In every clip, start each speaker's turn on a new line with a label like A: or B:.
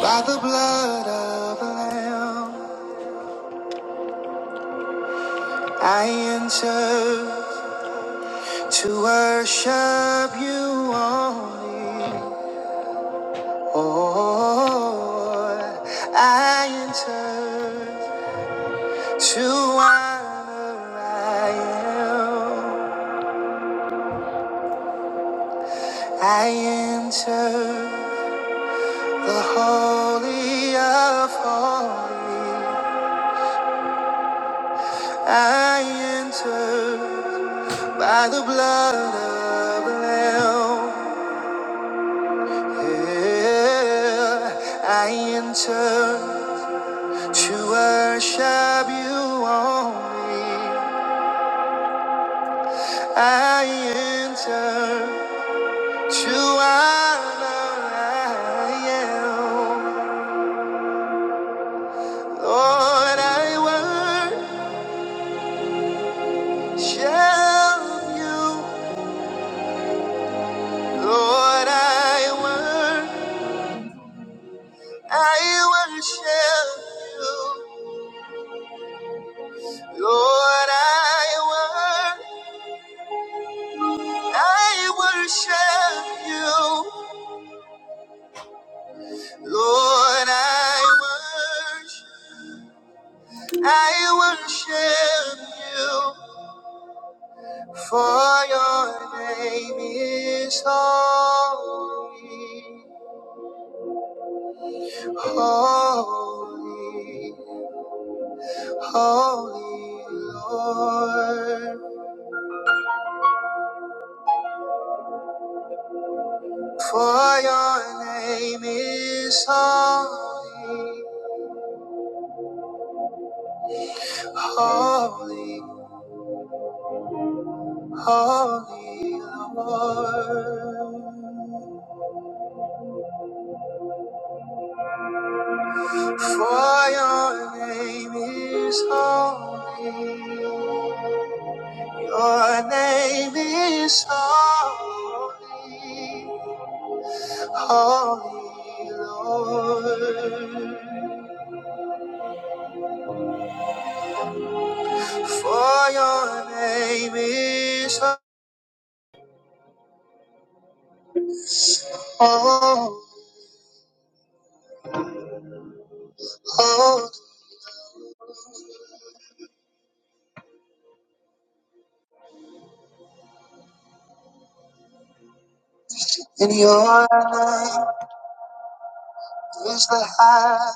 A: By the blood of the Lamb, I enter to worship you only. Oh, I enter to honor I am. I enter the holy of holies. I enter by the blood of the Lamb. Yeah, I enter to worship you only. I enter to honor You. Lord, I worship you. Lord, I worship. I worship you, Lord. I I worship you, Lord. I worship, I worship you, for your name is holy, holy, holy, Lord. For your name is holy, holy. Holy Lord, for your name is holy. Your name is holy. Holy Lord, for your name is holy. And your name is the high.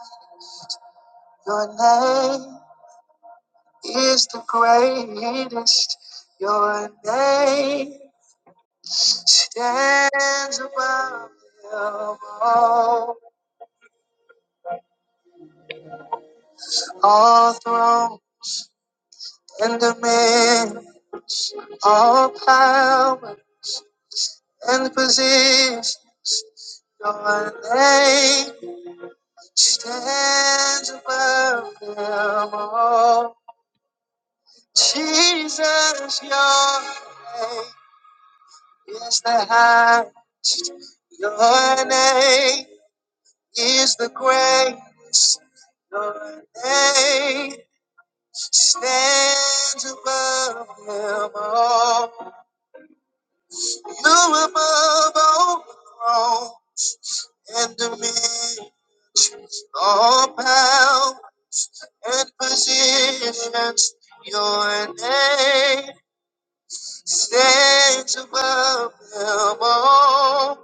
A: Your name. is the greatest. Your name stands above them all. All throne and dominion, all power and position. Your name stands above them all. Jesus, your name is the highest. Your name is the greatest. Your name stands above them all. You above all throne and dominion, all power and positions. Your name stands above them all.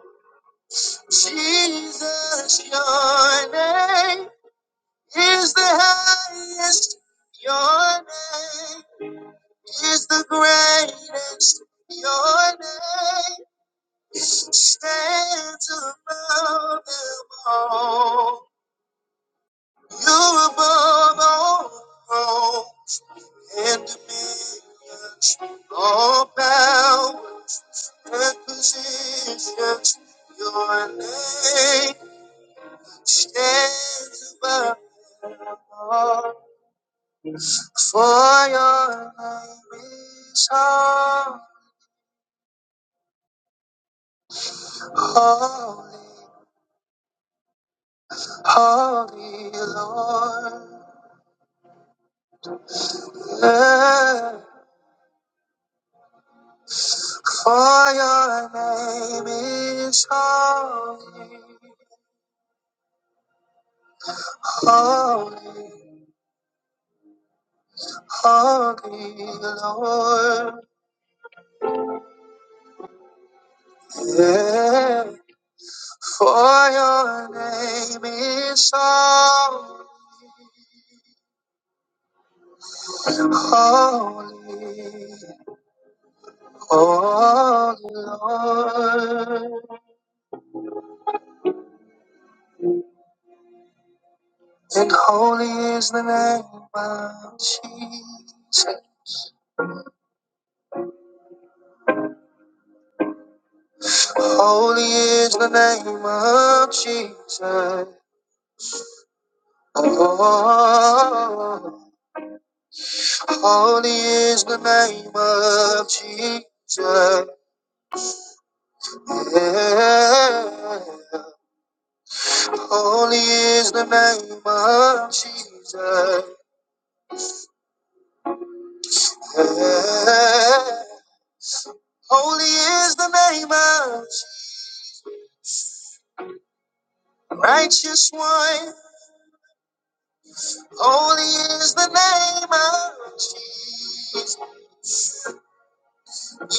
A: Jesus, your name is the highest. Your name is the greatest. Your name stands above them all. You're above all, all and dominions, all power and positions. Your name stands above them all. For your name is holy. Holy Lord, yeah, for your name is holy. Holy, holy Lord, yeah, for your name is holy. Holy, holy Lord, and holy is the name of Jesus. Holy is the name of Jesus. Oh, holy is the name of Jesus. Yeah. Holy is the name of Jesus. Yeah. Holy is the name of Jesus. Righteous one, holy is the name of Jesus.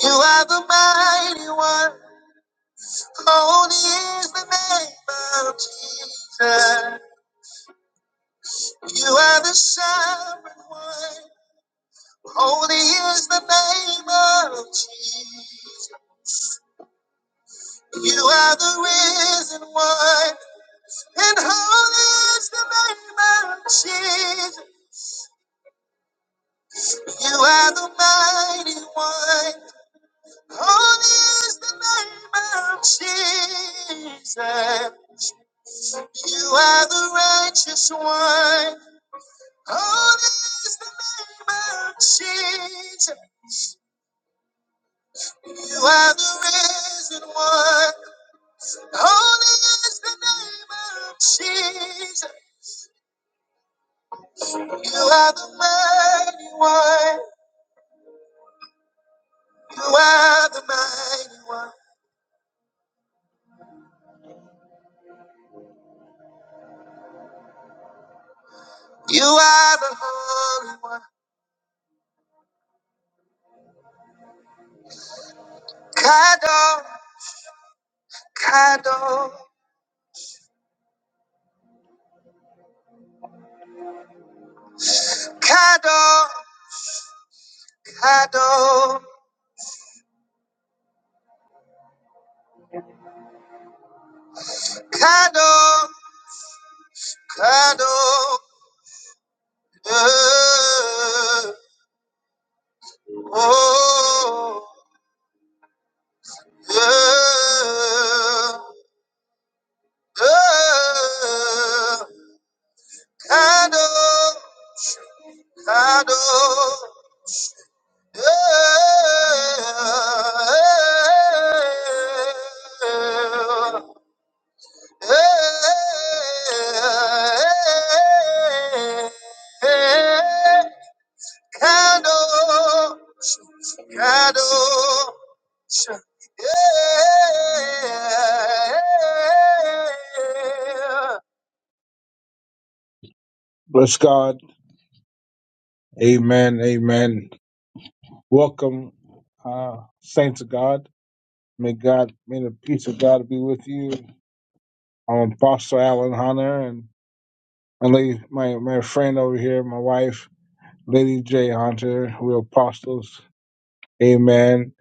A: You are the mighty one. Holy is the name of Jesus. You are the sovereign one. Holy is the name of Jesus. You are the risen one. And holy is the name of Jesus. You are the mighty one. Holy is the name of Jesus. You are the righteous one. Oh, there's the name of Jesus. You are the risen one. Oh, there's the name of Jesus. You are the mighty one. You are the mighty one. You are the holy one. Kado, Kado, Kado, Kado, Kado, Kado. Uh, Oh, yeah, yeah. Kado, kado, yeah, yeah, yeah. Kado, Kado, yeah. Bless God. Amen. Amen. Welcome, uh, saints of God. May God, may the peace of God be with you. I'm Apostle Alan Hunter and my lady, my, my friend over here, my wife, Lady J Hunter. We're apostles. Amen.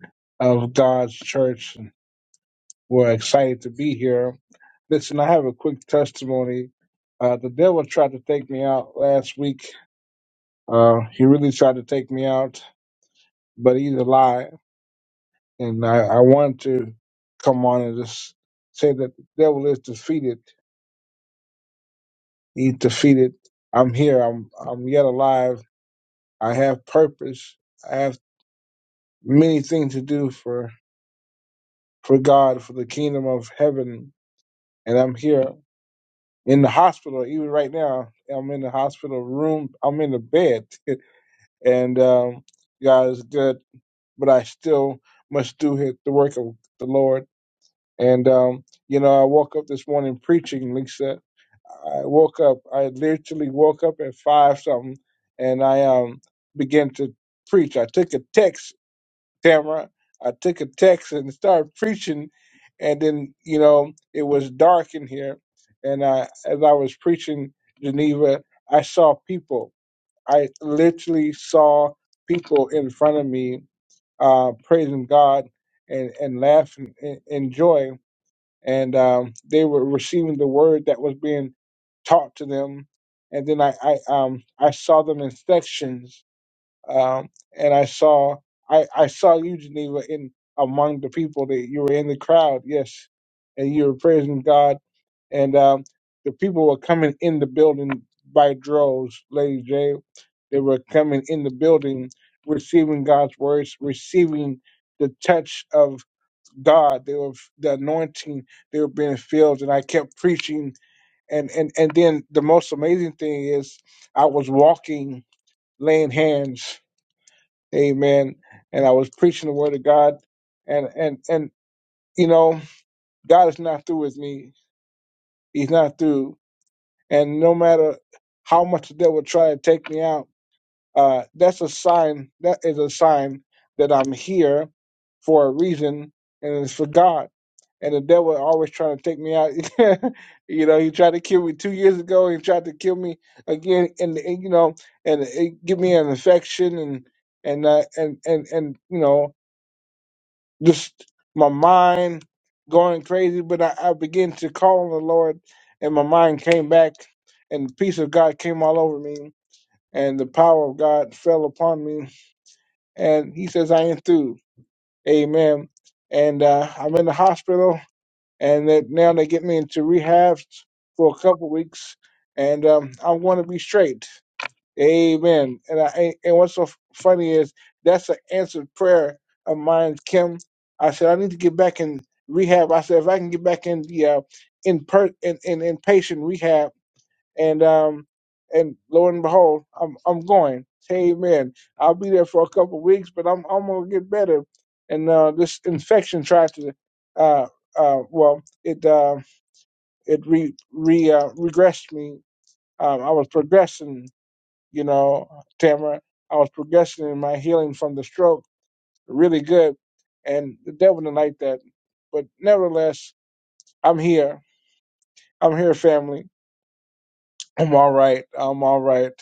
A: Of God's church. We're excited to be here. Listen, I have a quick testimony. Uh, the devil tried to take me out last week. Uh, he really tried to take me out, but he's a lie. And I, I wanted to come on and just say that the devil is defeated. He's defeated. I'm here. I'm I'm yet alive. I have purpose. I have many things to do for for God, for the kingdom of heaven, and I'm here. in the hospital. Even right now, I'm in the hospital room. I'm in the bed, and um, God is good, but I still must do his, the work of the Lord. And um, you know, I woke up this morning preaching, Lisa. I woke up. I literally woke up at five something, and I um began to preach. I took a text Tamara. I took a text and started preaching, and then you know it was dark in here, and I, as I was preaching Geneva, I saw people. I literally saw people in front of me uh, praising God and and laughing in, in joy, and um, they were receiving the word that was being taught to them. And then I, I um I saw them in sections um, and I saw I, I saw you, Geneva, in among the people that you were in the crowd, yes, and you were praising God, and um, the people were coming in the building by droves, Lady J. They were coming in the building, receiving God's words, receiving the touch of God. They were the anointing. They were being filled, and I kept preaching. And and and then the most amazing thing is I was walking, laying hands Amen. And I was preaching the word of God and and and you know, God is not through with me. He's not through. And no matter how much the devil try to take me out, uh that's a sign that is a sign that I'm here for a reason and it's for God. And the devil always trying to take me out. you know, he tried to kill me two years ago. He tried to kill me again, and, and you know, and it give me an infection, and and uh, and and and you know, just my mind going crazy, but I, I began to call on the Lord, and my mind came back, and the peace of God came all over me, and the power of God fell upon me, and He says, "I ain't through." Amen. And uh, I'm in the hospital, and that now they get me into rehab for a couple weeks, and um, I'm going to be straight. Amen. And I and what's so funny is that's an answered prayer of mine, Kim. I said I need to get back in rehab. I said if I can get back in the uh, in per in, in inpatient rehab, and um and lo and behold, I'm I'm going. Amen. I'll be there for a couple of weeks, but I'm I'm gonna get better. And uh, this infection tried to uh uh well it uh, it re re uh, regressed me. Um, I was progressing you know, Tamara. I was progressing in my healing from the stroke really good, and the devil didn't like that. But nevertheless, I'm here. I'm here, family. I'm all right. I'm all right.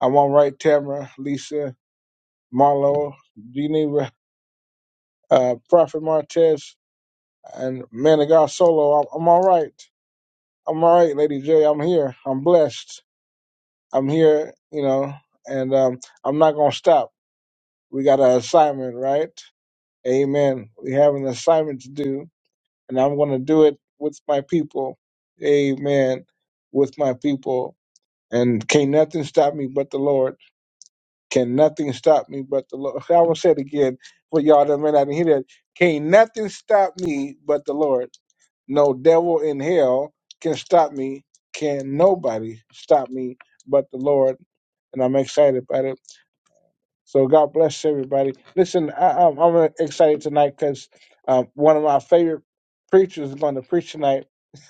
A: I'm all right, Tamara, Lisa, Marlo, Geneva, uh, Prophet Martez, and Man of God Solo. I'm, I'm all right. I'm all right, Lady J. I'm here. I'm blessed. I'm here, you know, and um, I'm not going to stop. We got an assignment, right? Amen. We have an assignment to do, and I'm going to do it with my people. Amen. With my people. And can nothing stop me but the Lord. Can nothing stop me but the Lord. I will say it again for y'all that may not hear that. Can nothing stop me but the Lord. No devil in hell can stop me. Can nobody stop me but the Lord. And I'm excited about it. So God bless everybody. Listen, I, I'm, I'm excited tonight because um, one of my favorite preachers is going to preach tonight.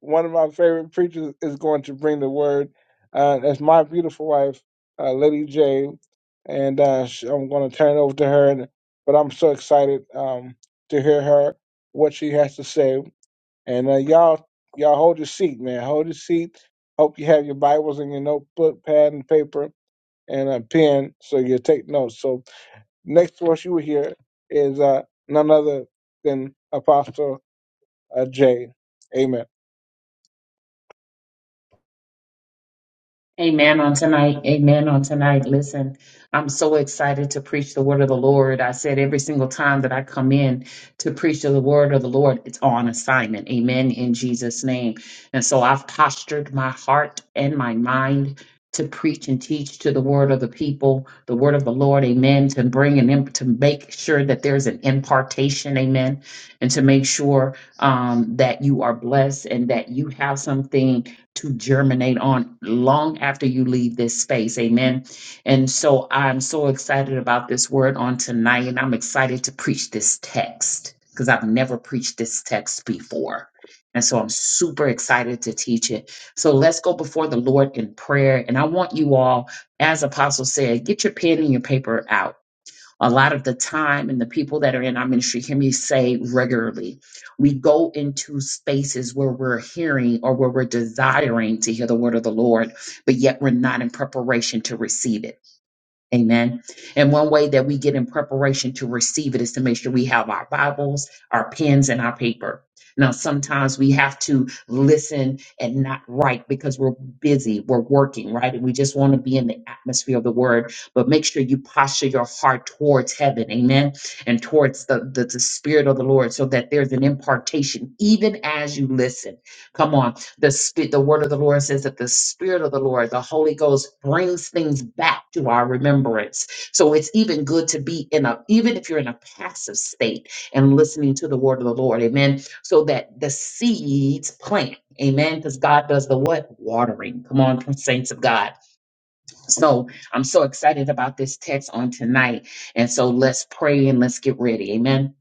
A: one of my favorite preachers is going to bring the word. Uh, that's my beautiful wife, uh, Lady J, and uh, sh I'm going to turn it over to her. And, but I'm so excited um, to hear her what she has to say. And uh, y'all, y'all hold your seat, man. Hold your seat. Hope you have your Bibles and your notebook, pad, and paper and a pen so you take notes. So next voice you will hear is uh, none other than Apostle uh, J. Amen.
B: Amen on tonight. Amen on tonight. Listen, I'm so excited to preach the word of the Lord. I said every single time that I come in to preach the word of the Lord, it's on assignment. Amen in Jesus' name. And so I've postured my heart and my mind to preach and teach to the word of the people, the word of the Lord. Amen. To bring an imp- to make sure that there's an impartation. Amen. And to make sure um, that you are blessed and that you have something to germinate on long after you leave this space. Amen. And so I'm so excited about this word on tonight, and I'm excited to preach this text because I've never preached this text before. And so I'm super excited to teach it. So let's go before the Lord in prayer. And I want you all, as Apostle said, get your pen and your paper out a lot of the time and the people that are in our ministry hear me say regularly we go into spaces where we're hearing or where we're desiring to hear the word of the lord but yet we're not in preparation to receive it Amen. And one way that we get in preparation to receive it is to make sure we have our Bibles, our pens, and our paper. Now, sometimes we have to listen and not write because we're busy, we're working, right? And we just want to be in the atmosphere of the word. But make sure you posture your heart towards heaven, amen, and towards the, the, the spirit of the Lord so that there's an impartation even as you listen. Come on. The spirit, the word of the Lord says that the spirit of the Lord, the Holy Ghost, brings things back to our remembrance. So it's even good to be in a, even if you're in a passive state and listening to the word of the Lord, amen. So that the seeds plant, amen. Because God does the what? Watering. Come on, saints of God. So I'm so excited about this text on tonight. And so let's pray and let's get ready. Amen.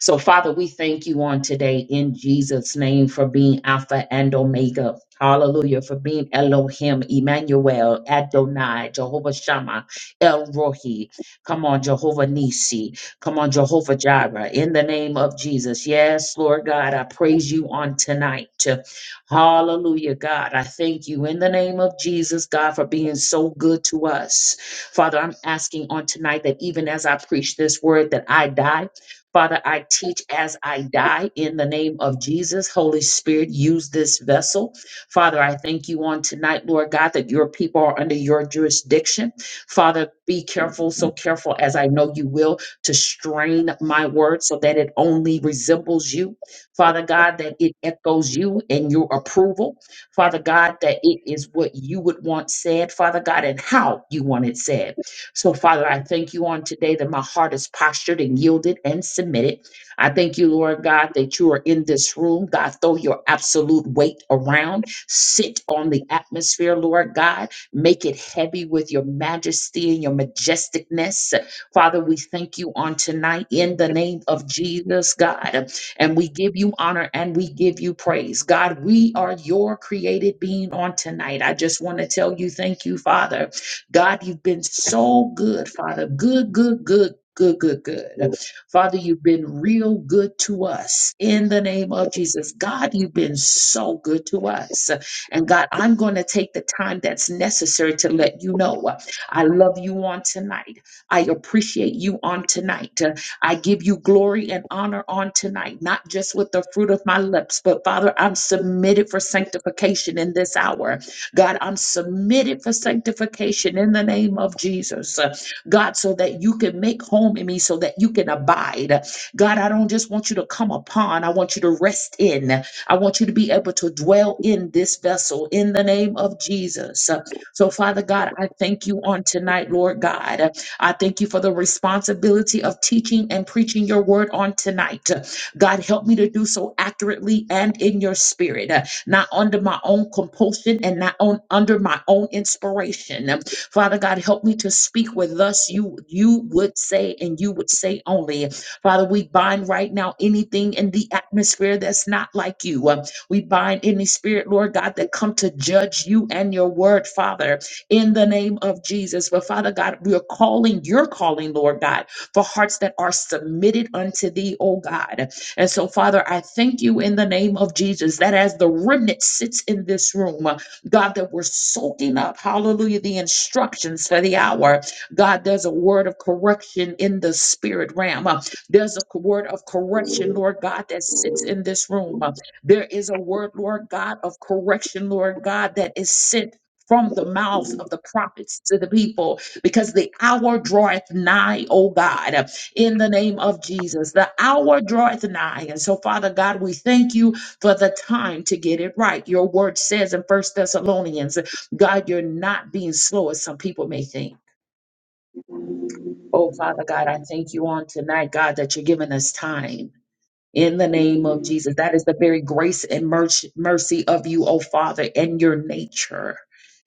B: So, Father, we thank you on today in Jesus' name for being Alpha and Omega. Hallelujah. For being Elohim, Emmanuel, Adonai, Jehovah Shammah, El Rohi. Come on, Jehovah Nisi. Come on, Jehovah Jireh. In the name of Jesus. Yes, Lord God, I praise you on tonight. Hallelujah, God. I thank you in the name of Jesus, God, for being so good to us. Father, I'm asking on tonight that even as I preach this word, that I die. Father, I teach as I die in the name of Jesus. Holy Spirit, use this vessel. Father, I thank you on tonight, Lord God, that your people are under your jurisdiction. Father, be careful, so careful as I know you will, to strain my word so that it only resembles you. Father God, that it echoes you and your approval. Father God, that it is what you would want said, Father God, and how you want it said. So, Father, I thank you on today that my heart is postured and yielded and submitted. I thank you, Lord God, that you are in this room. God, throw your absolute weight around. Sit on the atmosphere, Lord God. Make it heavy with your majesty and your majesticness. Father, we thank you on tonight in the name of Jesus, God and we give you honor and we give you praise. God, we are your created being on tonight. I just want to tell you, thank you, Father. God, you've been so good, Father. Good, good, good. Good, good, good. Father, you've been real good to us in the name of Jesus. God, you've been so good to us. And God, I'm going to take the time that's necessary to let you know I love you on tonight. I appreciate you on tonight. I give you glory and honor on tonight, not just with the fruit of my lips, but Father, I'm submitted for sanctification in this hour. God, I'm submitted for sanctification in the name of Jesus. Uh, God, so that you can make home in me, so that you can abide. God, I don't just want you to come upon, I want you to rest in. I want you to be able to dwell in this vessel in the name of Jesus. Uh, So, Father God, I thank you on tonight, Lord God. I thank you for the responsibility of teaching and preaching your word on tonight. God, help me to do so accurately and in your spirit, uh, not under my own compulsion and not on, under my own inspiration. Um, Father God, help me to speak what thus you, you would say and you would say only. Father, we bind right now anything in the atmosphere that's not like you. Um, We bind any spirit, Lord God, that come to judge you and your word, Father in the name of Jesus. But Father God, we are calling, you're calling, Lord God, for hearts that are submitted unto thee, oh God. And so, Father, I thank you in the name of Jesus that as the remnant sits in this room, uh, God, that we're soaking up, hallelujah, the instructions for the hour. God, there's a word of correction in the spirit realm. Uh, There's a co- word of correction, Lord God, that sits in this room. Uh, There is a word, Lord God, of correction, Lord God, that is sent from the mouths of the prophets to the people because the hour draweth nigh, O God, in the name of Jesus. The hour draweth nigh. And so, Father God, we thank you for the time to get it right. Your word says in First Thessalonians, God, you're not being slow as some people may think. Oh, Father God, I thank you on tonight, God, that you're giving us time in the name of Jesus. That is the very grace and merch- mercy of you, oh Father, and your nature.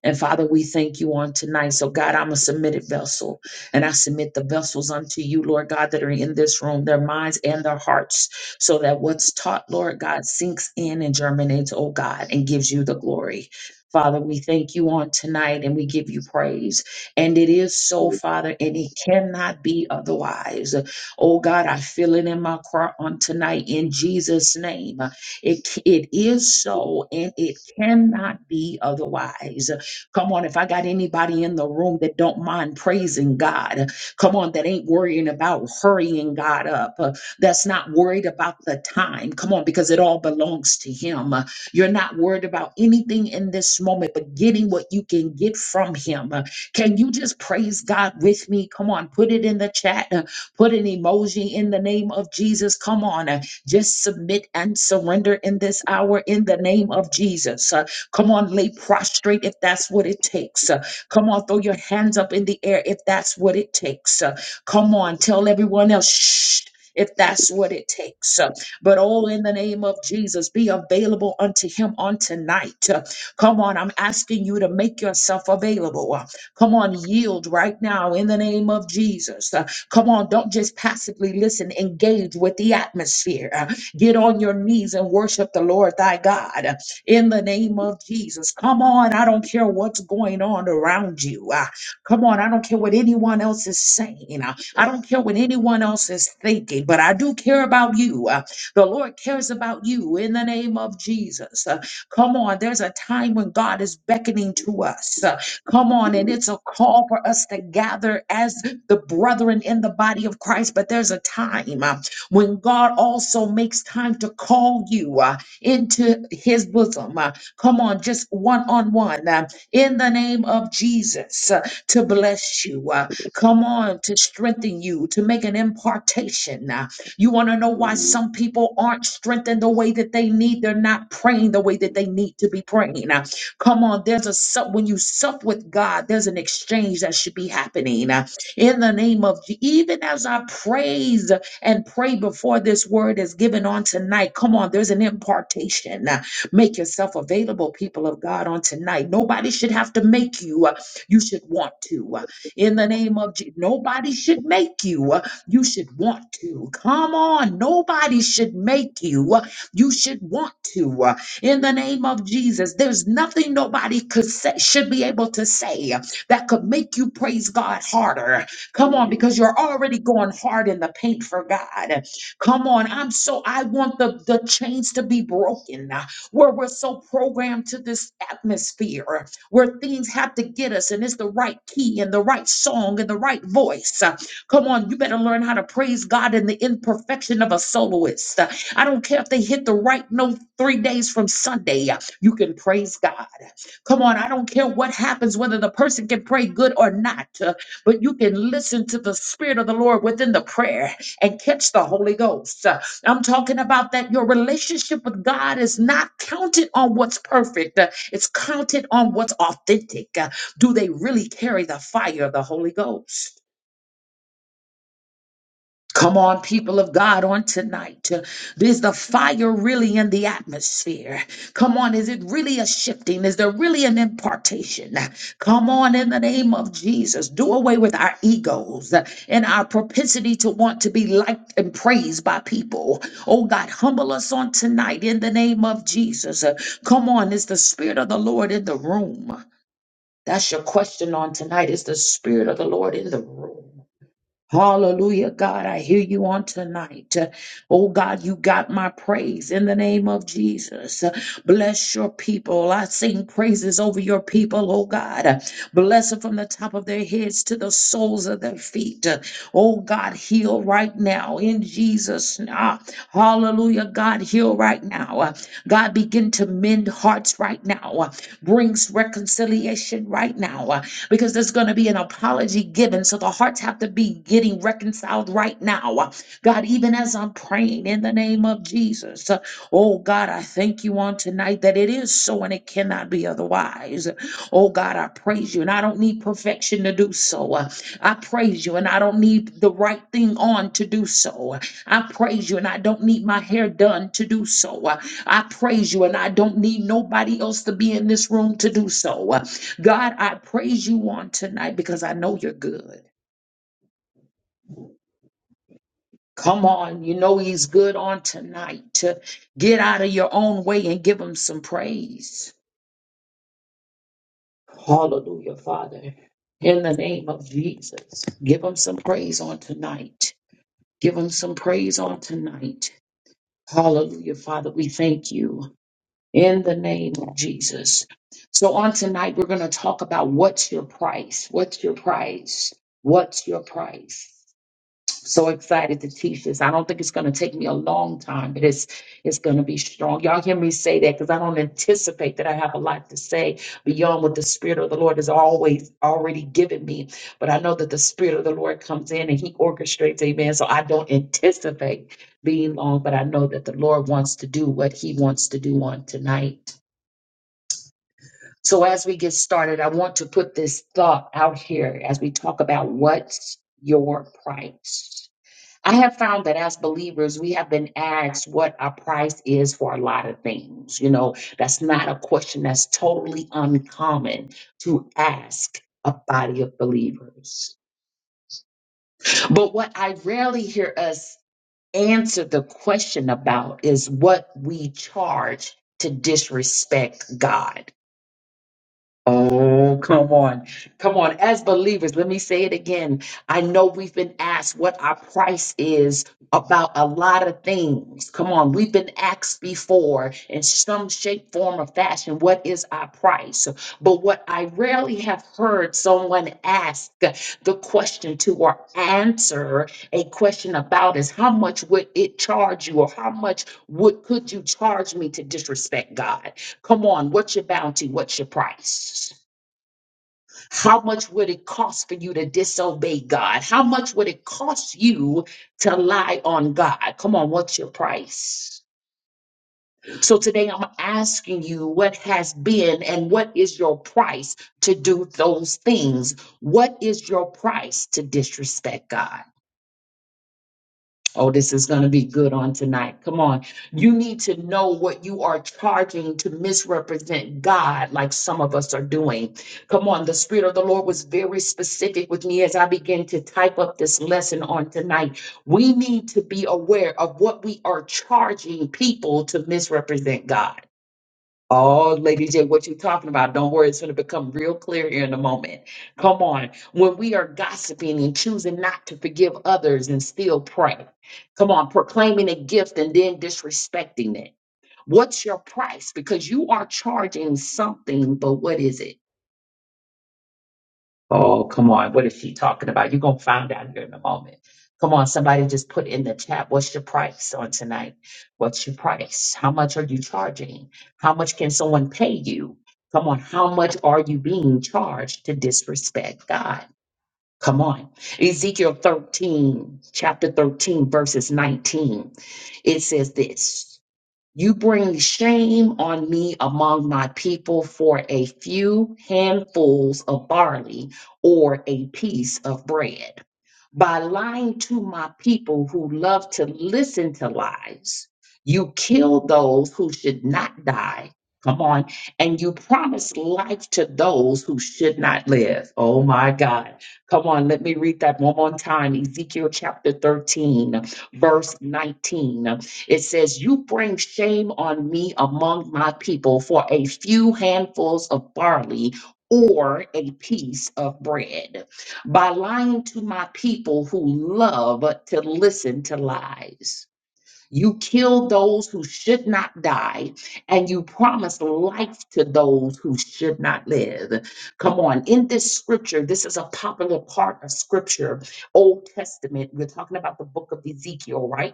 B: And Father, we thank you on tonight. So, God, I'm a submitted vessel, and I submit the vessels unto you, Lord God, that are in this room, their minds and their hearts, so that what's taught, Lord God, sinks in and germinates, oh God, and gives you the glory. Father, we thank you on tonight and we give you praise. And it is so, Father, and it cannot be otherwise. Oh God, I feel it in my heart on tonight in Jesus' name. It, it is so and it cannot be otherwise. Come on, if I got anybody in the room that don't mind praising God, come on, that ain't worrying about hurrying God up, uh, that's not worried about the time. Come on, because it all belongs to Him. Uh, You're not worried about anything in this moment, but getting what you can get from Him. Uh, Can you just praise God with me? Come on, put it in the chat. Put an emoji in the name of Jesus. Come on. uh, Just submit and surrender in this hour in the name of Jesus. Uh, Come on, lay prostrate if that's what it takes. Uh, Come on, throw your hands up in the air if that's what it takes. Uh, Come on, tell everyone else, shh. If that's what it takes. Uh, But all in the name of Jesus, be available unto him on tonight. Uh, Come on, I'm asking you to make yourself available. Uh, Come on, yield right now in the name of Jesus. Uh, Come on, don't just passively listen, engage with the atmosphere. Uh, Get on your knees and worship the Lord thy God uh, in the name of Jesus. Come on, I don't care what's going on around you. Uh, Come on, I don't care what anyone else is saying. Uh, I don't care what anyone else is thinking, but I do care about you. Uh, The Lord cares about you in the name of Jesus. Uh, Come on, there's a time when God is beckoning to us. Uh, Come on, and it's a call for us to gather as the brethren in the body of Christ, but there's a time uh, when God also makes time to call you uh, into his bosom. uh, Come on, just one on one uh, in the name of Jesus uh, to bless you. uh, Come on, to strengthen you, to make an impartation. uh, You want to know why some people aren't strengthened the way that they need? They're not praying the way that they need to be praying. uh, Come on, there's a sup when you sup with God, there's an exchange that should be happening. uh in the name of Je- even as I praise and pray before this word is given on tonight. Come on, there's an impartation. Uh, Make yourself available, people of God, on tonight. Nobody should have to make you. uh, You should want to. Uh, In the name of Jesus, nobody should make you. uh, You should want to. Come on, nobody should make you. uh, You should want to. Uh, In the name of Jesus, there's nothing nobody could say, should be able to say uh, that could make you praise God harder Come on, because you're already going hard in the paint for God. Come on, I'm so I want the, the chains to be broken uh, where we're so programmed to this atmosphere where things have to get us and it's the right key and the right song and the right voice. Uh, Come on, you better learn how to praise God in the imperfection of a soloist. Uh, I don't care if they hit the right note three days from Sunday, uh, you can praise God. Come on, I don't care what happens, whether the person can pray good or not. Uh, but you can listen to the Spirit of the Lord within the prayer and catch the Holy Ghost. Uh, I'm talking about that your relationship with God is not counted on what's perfect, uh, it's counted on what's authentic. Uh, Do they really carry the fire of the Holy Ghost? Come on, people of God, on tonight. Is the fire really in the atmosphere? Come on, is it really a shifting? Is there really an impartation? Come on, in the name of Jesus, do away with our egos and our propensity to want to be liked and praised by people. Oh God, humble us on tonight in the name of Jesus. Come on, is the Spirit of the Lord in the room? That's your question on tonight. Is the Spirit of the Lord in the room? Hallelujah, God. I hear you on tonight. Uh, Oh, God, you got my praise in the name of Jesus. Uh, Bless your people. I sing praises over your people, oh, God. Uh, Bless them from the top of their heads to the soles of their feet. Uh, Oh, God, heal right now in Jesus. name. Ah, Hallelujah, God, heal right now. Uh, God, begin to mend hearts right now. Uh, Brings reconciliation right now because there's going to be an apology given. So the hearts have to be getting reconciled right now. God, even as I'm praying in the name of Jesus, uh, oh God, I thank you on tonight that it is so and it cannot be otherwise. Oh God, I praise you and I don't need perfection to do so. Uh, I praise you and I don't need the right thing on to do so. I praise you and I don't need my hair done to do so. Uh, I praise you and I don't need nobody else to be in this room to do so. God, I praise you on tonight because I know you're good. Come on, you know he's good on tonight to get out of your own way and give him some praise. Hallelujah, Father. In the name of Jesus, give him some praise on tonight. Give him some praise on tonight. Hallelujah, Father. We thank you in the name of Jesus. So, on tonight, we're going to talk about what's your price? What's your price? What's your price? so excited to teach this. I don't think it's going to take me a long time, but it's it's going to be strong. Y'all hear me say that because I don't anticipate that I have a lot to say beyond what the Spirit of the Lord has always already given me. But I know that the Spirit of the Lord comes in and He orchestrates, Amen. So I don't anticipate being long, but I know that the Lord wants to do what He wants to do on tonight. So as we get started, I want to put this thought out here as we talk about what's your price I have found that as believers, we have been asked what our price is for a lot of things. You know, that's not a question that's totally uncommon to ask a body of believers. But what I rarely hear us answer the question about is what we charge to disrespect God. Oh, come on. Come on. As believers, let me say it again. I know we've been asked what our price is about a lot of things. Come on. We've been asked before in some shape, form, or fashion, what is our price? But what I rarely have heard someone ask the question to or answer a question about is how much would it charge you or how much would could you charge me to disrespect God? Come on, what's your bounty? What's your price? How much would it cost for you to disobey God? How much would it cost you to lie on God? Come on, what's your price? So today I'm asking you what has been and what is your price to do those things? What is your price to disrespect God? Oh, this is going to be good on tonight. Come on. You need to know what you are charging to misrepresent God, like some of us are doing. Come on. The Spirit of the Lord was very specific with me as I began to type up this lesson on tonight. We need to be aware of what we are charging people to misrepresent God. Oh, Lady J, what you talking about? Don't worry, it's going to become real clear here in a moment. Come on. When we are gossiping and choosing not to forgive others and still pray, come on, proclaiming a gift and then disrespecting it. What's your price? Because you are charging something, but what is it? Oh, come on. What is she talking about? You're going to find out here in a moment. Come on, somebody just put in the chat. What's your price on tonight? What's your price? How much are you charging? How much can someone pay you? Come on, how much are you being charged to disrespect God? Come on. Ezekiel 13, chapter 13, verses 19. It says this. You bring shame on me among my people for a few handfuls of barley or a piece of bread. By lying to my people who love to listen to lies, you kill those who should not die. Come on. And you promise life to those who should not live. Oh my God. Come on. Let me read that one more time. Ezekiel chapter 13, verse 19. It says, You bring shame on me among my people for a few handfuls of barley or a piece of bread by lying to my people who love to listen to lies. You killed those who should not die, and you promised life to those who should not live. Come on, in this scripture, this is a popular part of scripture, Old Testament. We're talking about the book of Ezekiel, right?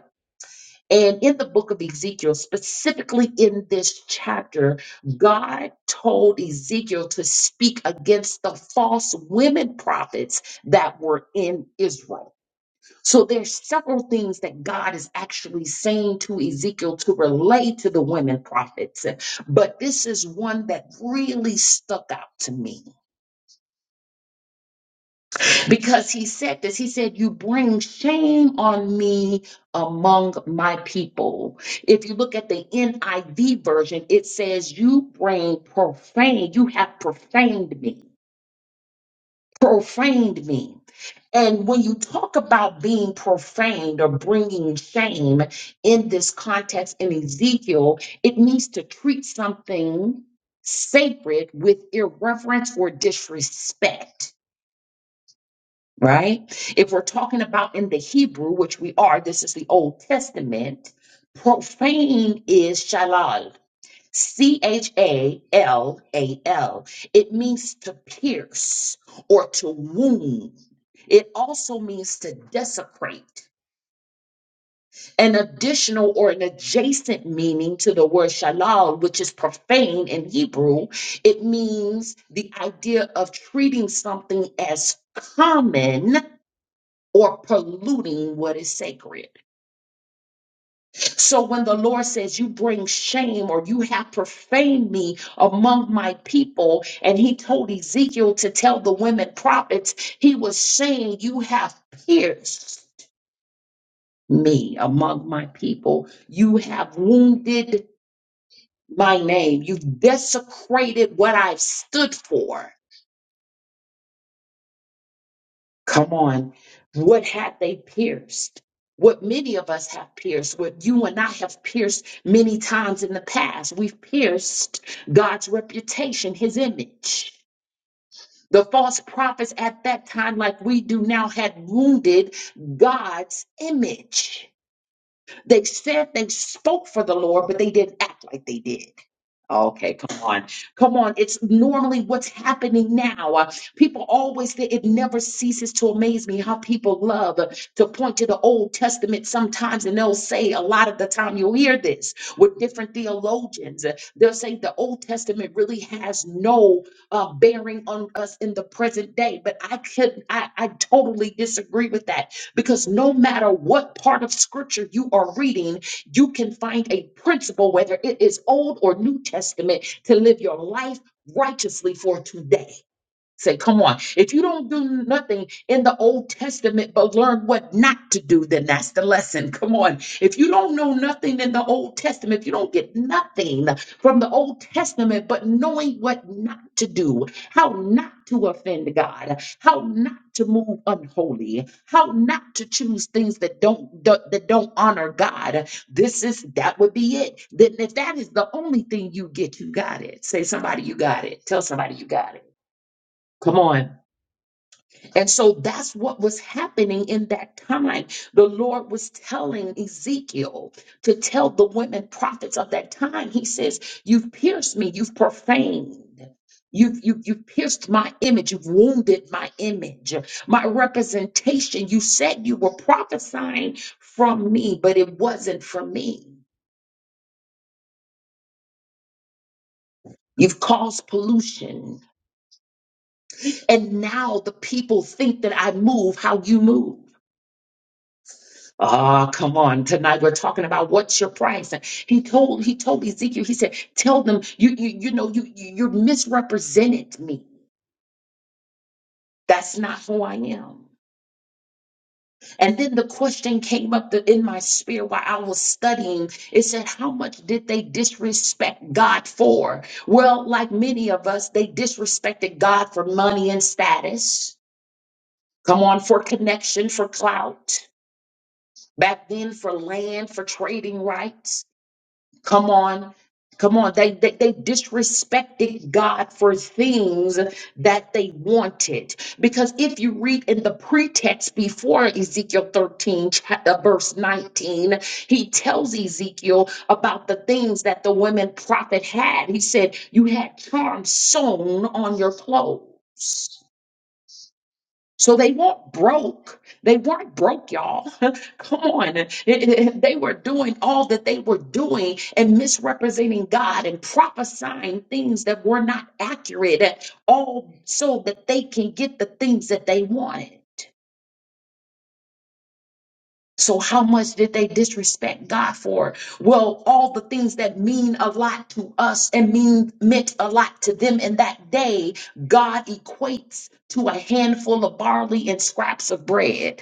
B: And in the book of Ezekiel, specifically in this chapter, God told Ezekiel to speak against the false women prophets that were in Israel. So there's several things that God is actually saying to Ezekiel to relate to the women prophets. But this is one that really stuck out to me. because he said this. He said, You bring shame on me among my people. If you look at the NIV version, it says, You bring profane, you have profaned me, profaned me. And when you talk about being profaned or bringing shame in this context in Ezekiel, it means to treat something sacred with irreverence or disrespect right? If we're talking about in the Hebrew, which we are, this is the Old Testament, profane is shalal, C H A L A L. It means to pierce or to wound. It also means to desecrate, an additional or an adjacent meaning to the word shalal, which is profane in Hebrew. It means the idea of treating something as common or polluting what is sacred. So when the Lord says, You bring shame or you have profaned me among my people, and he told Ezekiel to tell the women prophets, he was saying, You have pierced me among my people, you have wounded my name, you've desecrated what I've stood for. Come on. What had they pierced? What many of us have pierced, what you and I have pierced many times in the past. We've pierced God's reputation, his image. The false prophets at that time, like we do now, had wounded God's image. They said they spoke for the Lord, but they didn't act like they did. Okay, come on. Come on. It's normally what's happening now. Uh, people always say it never ceases to amaze me how people love uh, to point to the Old Testament sometimes, and they'll say a lot of the time you'll hear this with different theologians. uh, They'll say the Old Testament really has no uh, bearing on us in the present day, but I could I, I totally disagree with that because no matter what part of scripture you are reading, you can find a principle, whether it is Old or New Testament, to live your life righteously for today. Say, come on. If you don't do nothing in the Old Testament but learn what not to do, then that's the lesson. Come on. If you don't know nothing in the Old Testament, if you don't get nothing from the Old Testament but knowing what not to do, how not to offend God, how not to move unholy, how not to choose things that don't that don't honor God, this is that would be it. Then if that is the only thing you get, you got it. Say somebody you got it. Tell somebody you got it. Come on. And so that's what was happening in that time. The Lord was telling Ezekiel to tell the women prophets of that time. He says, You've pierced me, you've profaned. You've, you, you've pierced my image. You've wounded my image, my representation. You said you were prophesying from me, but it wasn't from me. You've caused pollution. And now the people think that I move how you move. Ah, come on. Tonight we're talking about what's your price. And he told he told Ezekiel, he said, tell them you you you know you you you misrepresented me. That's not who I am. And then the question came up th- in my spirit while I was studying. It said, How much did they disrespect God for? Well, like many of us, they disrespected God for money and status. Come on, for connection, for clout. Back then, for land, for trading rights. Come on. Come on. They, they, they disrespected God for things that they wanted. Because if you read in the pretext before Ezekiel 13, cha- uh, verse 19, he tells Ezekiel about the things that the women prophet had. He said, You had charm sewn on your clothes. So they weren't broke. They weren't broke, y'all. Come on. It- it- They were doing all that they were doing and misrepresenting God and prophesying things that were not accurate, all so that they can get the things that they wanted. So, how much did they disrespect God for? Well, all the things that mean a lot to us and mean meant a lot to them in that day, God equates to a handful of barley and scraps of bread.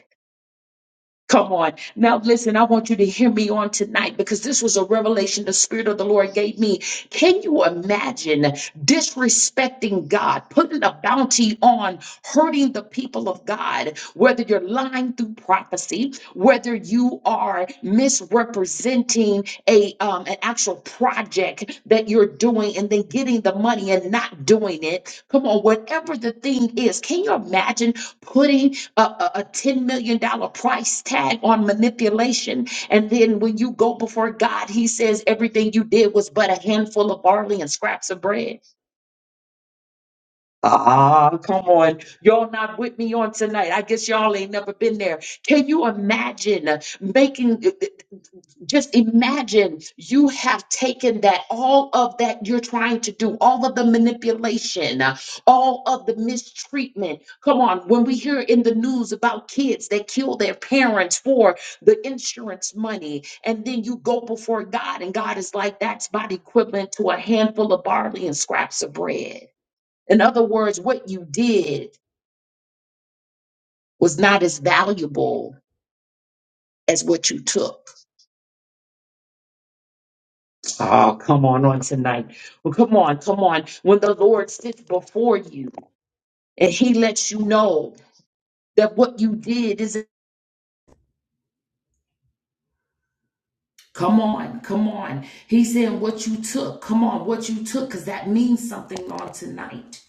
B: Come on. Now, listen, I want you to hear me on tonight because this was a revelation the Spirit of the Lord gave me. Can you imagine disrespecting God, putting a bounty on hurting the people of God, whether you're lying through prophecy, whether you are misrepresenting a um, an actual project that you're doing and then getting the money and not doing it? Come on, whatever the thing is, can you imagine putting a, a, a $10 million dollars price tag on manipulation. And then when you go before God, he says everything you did was but a handful of barley and scraps of bread. Ah, come on. Y'all not with me on tonight. I guess y'all ain't never been there. Can you imagine uh, making? just imagine you have taken that, all of that you're trying to do, all of the manipulation, uh, all of the mistreatment. Come on, when we hear in the news about kids that kill their parents for the insurance money, and then you go before God, and God is like, that's about equivalent to a handful of barley and scraps of bread. In other words, what you did was not as valuable as what you took. Oh, come on on tonight. Well, come on, come on. When the Lord sits before you and he lets you know that what you did is come on, come on. He's saying what you took. Come on, what you took, because that means something on tonight.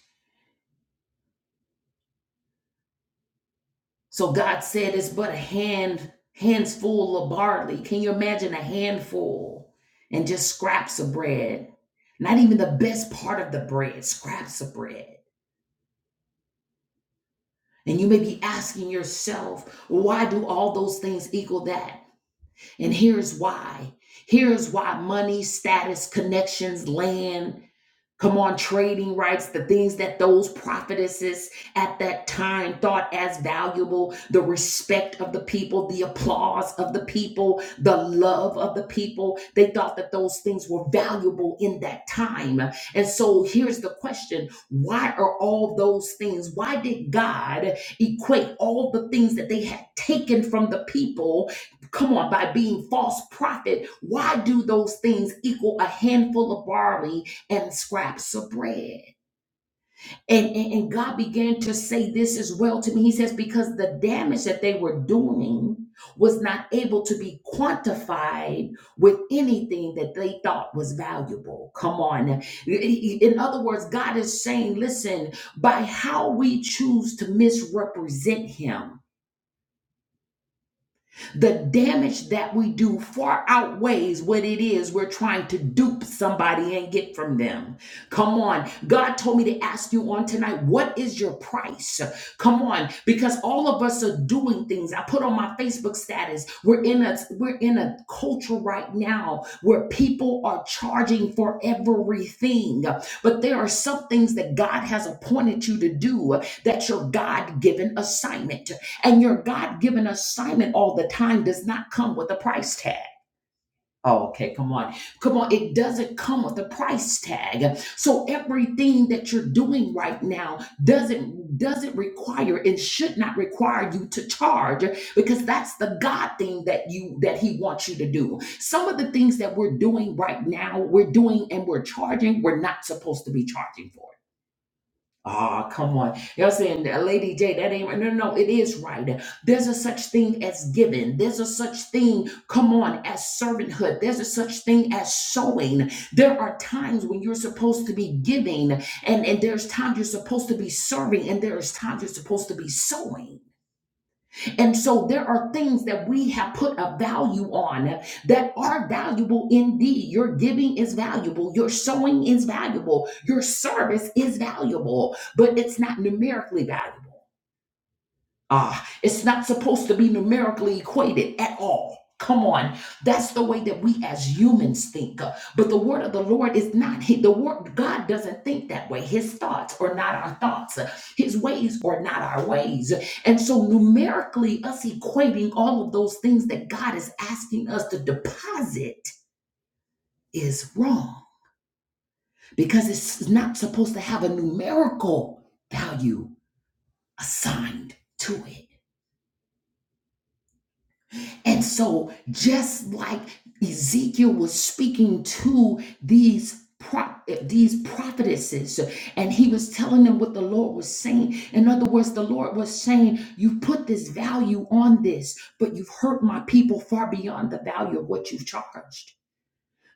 B: So God said it's but a hand, hands full of barley. Can you imagine a handful and just scraps of bread? Not even the best part of the bread, scraps of bread. And you may be asking yourself, why do all those things equal that? And here's why. Here's why money, status, connections, land, Come on, trading rights, the things that those prophetesses at that time thought as valuable the respect of the people, the applause of the people, the love of the people. They thought that those things were valuable in that time. And so here's the question why are all those things, why did God equate all the things that they had taken from the people come on, by being false prophet, why do those things equal a handful of barley and scraps of bread. And, and, and God began to say this as well to me. He says, because the damage that they were doing was not able to be quantified with anything that they thought was valuable. Come on. In other words, God is saying, listen, by how we choose to misrepresent Him, The damage that we do far outweighs what it is we're trying to dupe somebody and get from them. Come on. God told me to ask you on tonight, what is your price? Come on, because all of us are doing things. I put on my Facebook status. We're in a we're in a culture right now where people are charging for everything. But there are some things that God has appointed you to do that's your God-given assignment. And your God given assignment all the time does not come with a price tag. Oh, Okay, come on. Come on. It doesn't come with a price tag. So everything that you're doing right now doesn't doesn't require and should not require you to charge because that's the God thing that you that he wants you to do. Some of the things that we're doing right now, we're doing and we're charging, we're not supposed to be charging for. Ah, come on. Y'all saying, "Now, Lady J, that ain't right. No, no, no, it is right. There's a such thing as giving. There's a such thing, come on, as servanthood. There's a such thing as sowing. There are times when you're supposed to be giving, and, and there's times you're supposed to be serving, and there's times you're supposed to be sowing. And so there are things that we have put a value on that are valuable indeed. Your giving is valuable, your sowing is valuable, your service is valuable, but it's not numerically valuable. Ah, it's not supposed to be numerically equated at all. Come on. That's the way that we as humans think. But the word of the Lord is not the word God doesn't think that way. His thoughts are not our thoughts. His ways are not our ways. And so numerically us equating all of those things that God is asking us to deposit is wrong because it's not supposed to have a numerical value assigned to it. And so, just like Ezekiel was speaking to these these prophetesses, and he was telling them what the Lord was saying. In other words, the Lord was saying, "You put this value on this, but you've hurt my people far beyond the value of what you've charged."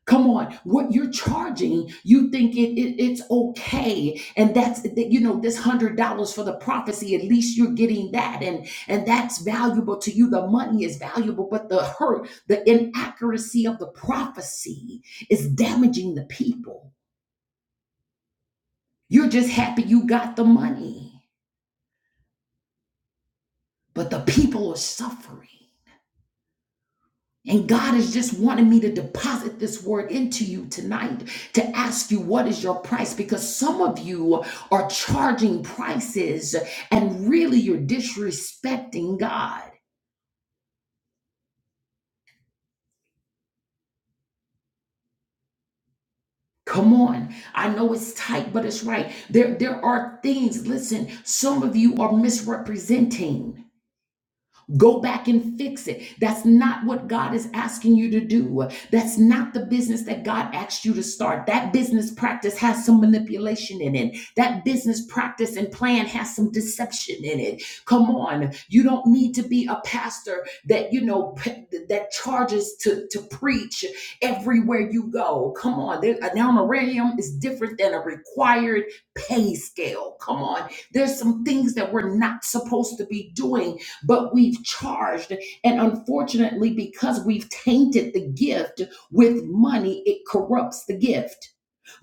B: Come on, what you're charging, you think it, it- it's okay, and that's that, you know this hundred dollars for the prophecy. At least you're getting that, and and that's valuable to you. The money is valuable, but the hurt, the inaccuracy of the prophecy is damaging the people. You're just happy you got the money, but the people are suffering. And God is just wanting me to deposit this word into you tonight to ask you what is your price because some of you are charging prices and really you're disrespecting God. Come on. I know it's tight, but it's right. There, there are things, listen, some of you are misrepresenting. Go back and fix it. That's not what God is asking you to do. That's not the business that God asked you to start. That business practice has some manipulation in it. That business practice and plan has some deception in it. Come on. You don't need to be a pastor that, you know, p- that charges to, to preach everywhere you go. Come on. There, an honorarium is different than a required pay scale. Come on. There's some things that we're not supposed to be doing but we've charged. And unfortunately, because we've tainted the gift with money, it corrupts the gift.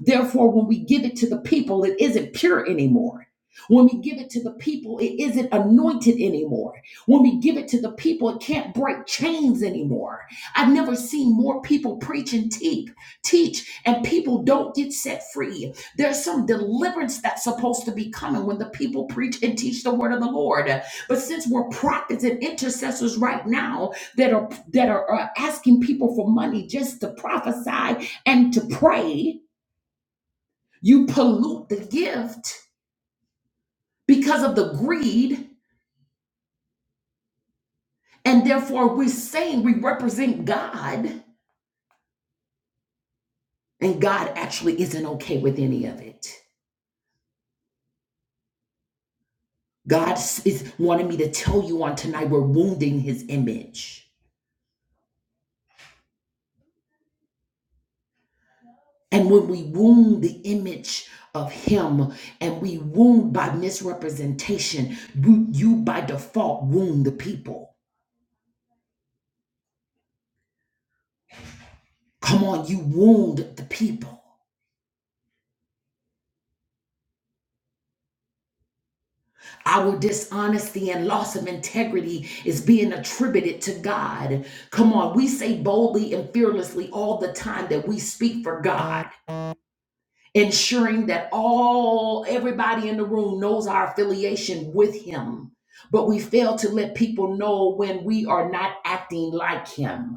B: Therefore, when we give it to the people, it isn't pure anymore. When we give it to the people, it isn't anointed anymore. When we give it to the people, it can't break chains anymore. I've never seen more people preach and teach, teach, and people don't get set free. There's some deliverance that's supposed to be coming when the people preach and teach the word of the Lord. But since we're prophets and intercessors right now that are that are, are asking people for money just to prophesy and to pray, you pollute the gift because of the greed, and therefore we're saying we represent God, and God actually isn't okay with any of it. God is wanting me to tell you on tonight we're wounding his image. And when we wound the image of him and we wound by misrepresentation, you, you by default wound the people. Come on, you wound the people. Our dishonesty and loss of integrity is being attributed to God. Come on, we say boldly and fearlessly all the time that we speak for God, ensuring that all everybody in the room knows our affiliation with him. But we fail to let people know when we are not acting like him.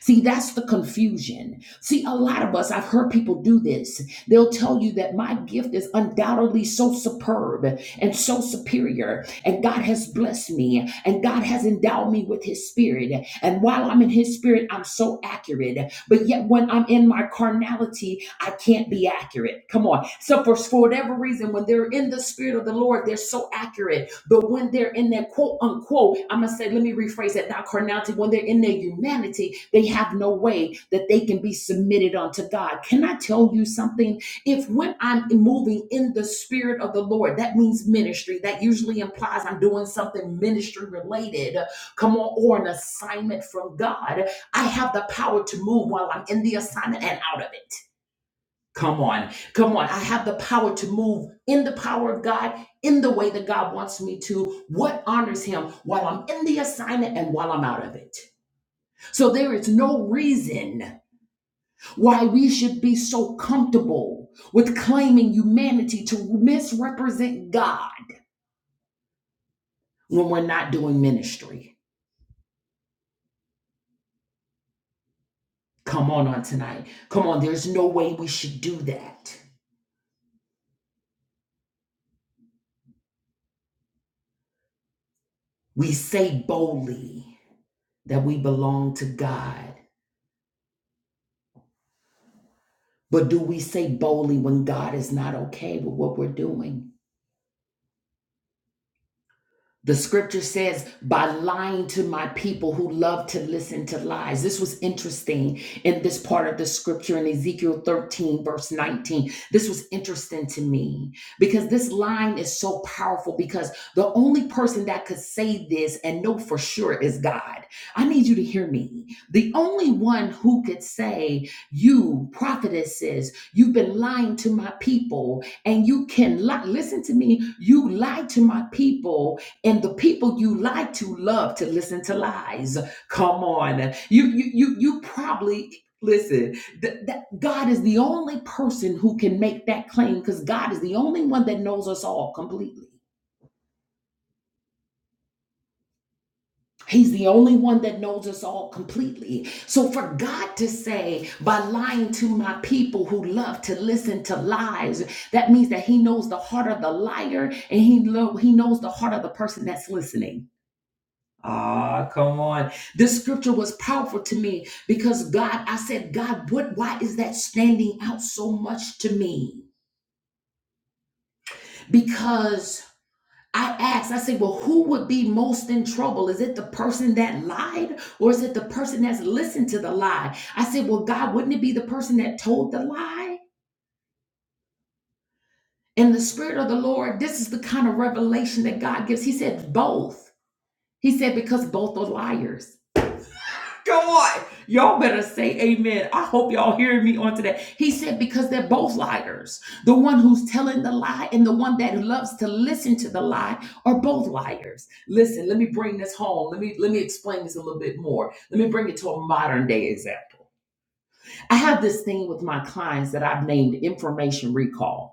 B: See, that's the confusion. See, a lot of us, I've heard people do this. They'll tell you that my gift is undoubtedly so superb and so superior, and God has blessed me, and God has endowed me with His Spirit. And while I'm in His Spirit, I'm so accurate. But yet, when I'm in my carnality, I can't be accurate. Come on. So, for, for whatever reason, when they're in the Spirit of the Lord, they're so accurate but when they're in their quote unquote, I'm going to say, let me rephrase that, not carnality, when they're in their humanity, they have no way that they can be submitted unto God. Can I tell you something? If when I'm moving in the spirit of the Lord, that means ministry. That usually implies I'm doing something ministry related, come on, or an assignment from God. I have the power to move while I'm in the assignment and out of it. Come on. Come on. I have the power to move in the power of God, in the way that God wants me to, what honors Him while I'm in the assignment and while I'm out of it. So there is no reason why we should be so comfortable with claiming humanity to misrepresent God when we're not doing ministry. Come on on tonight. Come on. There's no way we should do that. We say boldly that we belong to God But do we say boldly when God is not okay with what we're doing? The scripture says, by lying to my people who love to listen to lies. This was interesting in this part of the scripture in Ezekiel 13, verse 19. This was interesting to me because this line is so powerful because the only person that could say this and know for sure is God. I need you to hear me. The only one who could say, You, prophetesses, you've been lying to my people, and you can lie. Listen to me. You lied to my people and the people you like to love to listen to lies. Come on, you you you you probably listen. th- That God is the only person who can make that claim because God is the only one that knows us all completely. He's the only one that knows us all completely. So for God to say, by lying to my people who love to listen to lies, that means that He knows the heart of the liar and He lo- He knows the heart of the person that's listening. Ah, come on. This scripture was powerful to me because God, I said, God, what why is that standing out so much to me? Because I asked, I said, well, who would be most in trouble? Is it the person that lied or is it the person that's listened to the lie? I said, well, God, wouldn't it be the person that told the lie? And the Spirit of the Lord, this is the kind of revelation that God gives. He said, both. He said, because both are liars. Come on. Y'all better say amen. I hope y'all hear me on today. He said, because they're both liars. The one who's telling the lie and the one that loves to listen to the lie are both liars. Listen, let me bring this home. Let me let me explain this a little bit more. Let me bring it to a modern day example. I have this thing with my clients that I've named information recall.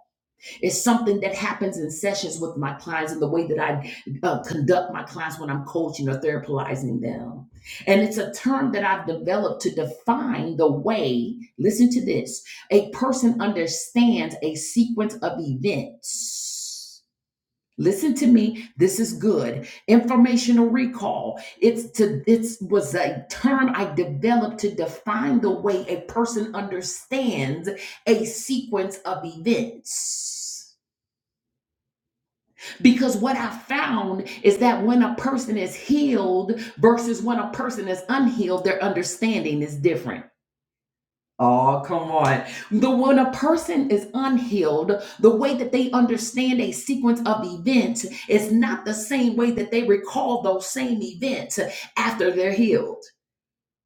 B: It's something that happens in sessions with my clients and the way that I uh, conduct my clients when I'm coaching or therapizing them. And it's a term that I've developed to define the way, listen to this, a person understands a sequence of events. Listen to me, this is good. Informational recall. It's to it's was a term I developed to define the way a person understands a sequence of events. Because what I found is that when a person is healed versus when a person is unhealed, their understanding is different. Oh, come on. The when a person is unhealed, the way that they understand a sequence of events is not the same way that they recall those same events after they're healed.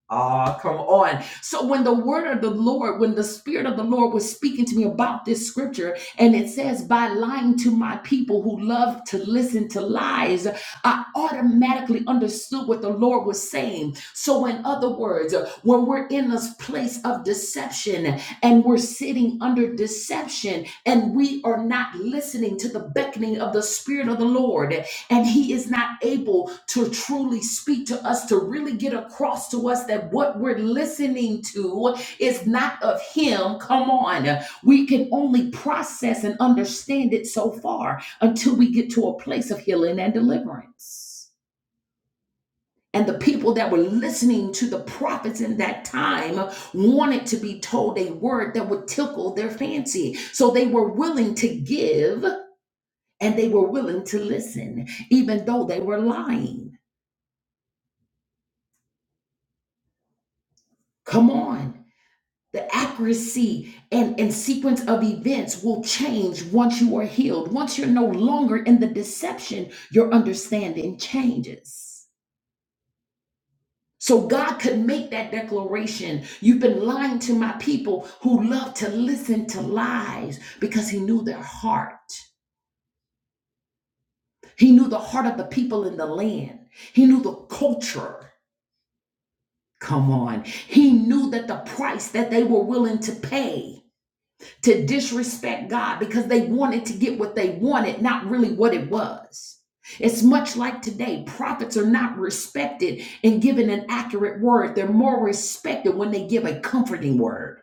B: Ah, come on. So when the word of the Lord, when the spirit of the Lord was speaking to me about this scripture, and it says, by lying to my people who love to listen to lies, I automatically understood what the Lord was saying. So in other words, when we're in this place of deception and we're sitting under deception and we are not listening to the beckoning of the spirit of the Lord, and he is not able to truly speak to us to really get across to us that what we're listening to is not of him come on we can only process and understand it so far until we get to a place of healing and deliverance and the people that were listening to the prophets in that time wanted to be told a word that would tickle their fancy. So they were willing to give and they were willing to listen, even though they were lying. Come on. The accuracy and, and sequence of events will change once you are healed. Once you're no longer in the deception, your understanding changes. So God could make that declaration. You've been lying to my people who love to listen to lies because he knew their heart. He knew the heart of the people in the land. He knew the culture. Come on. He knew that the price that they were willing to pay to disrespect God because they wanted to get what they wanted, not really what it was. It's much like today. Prophets are not respected in giving an accurate word. They're more respected when they give a comforting word.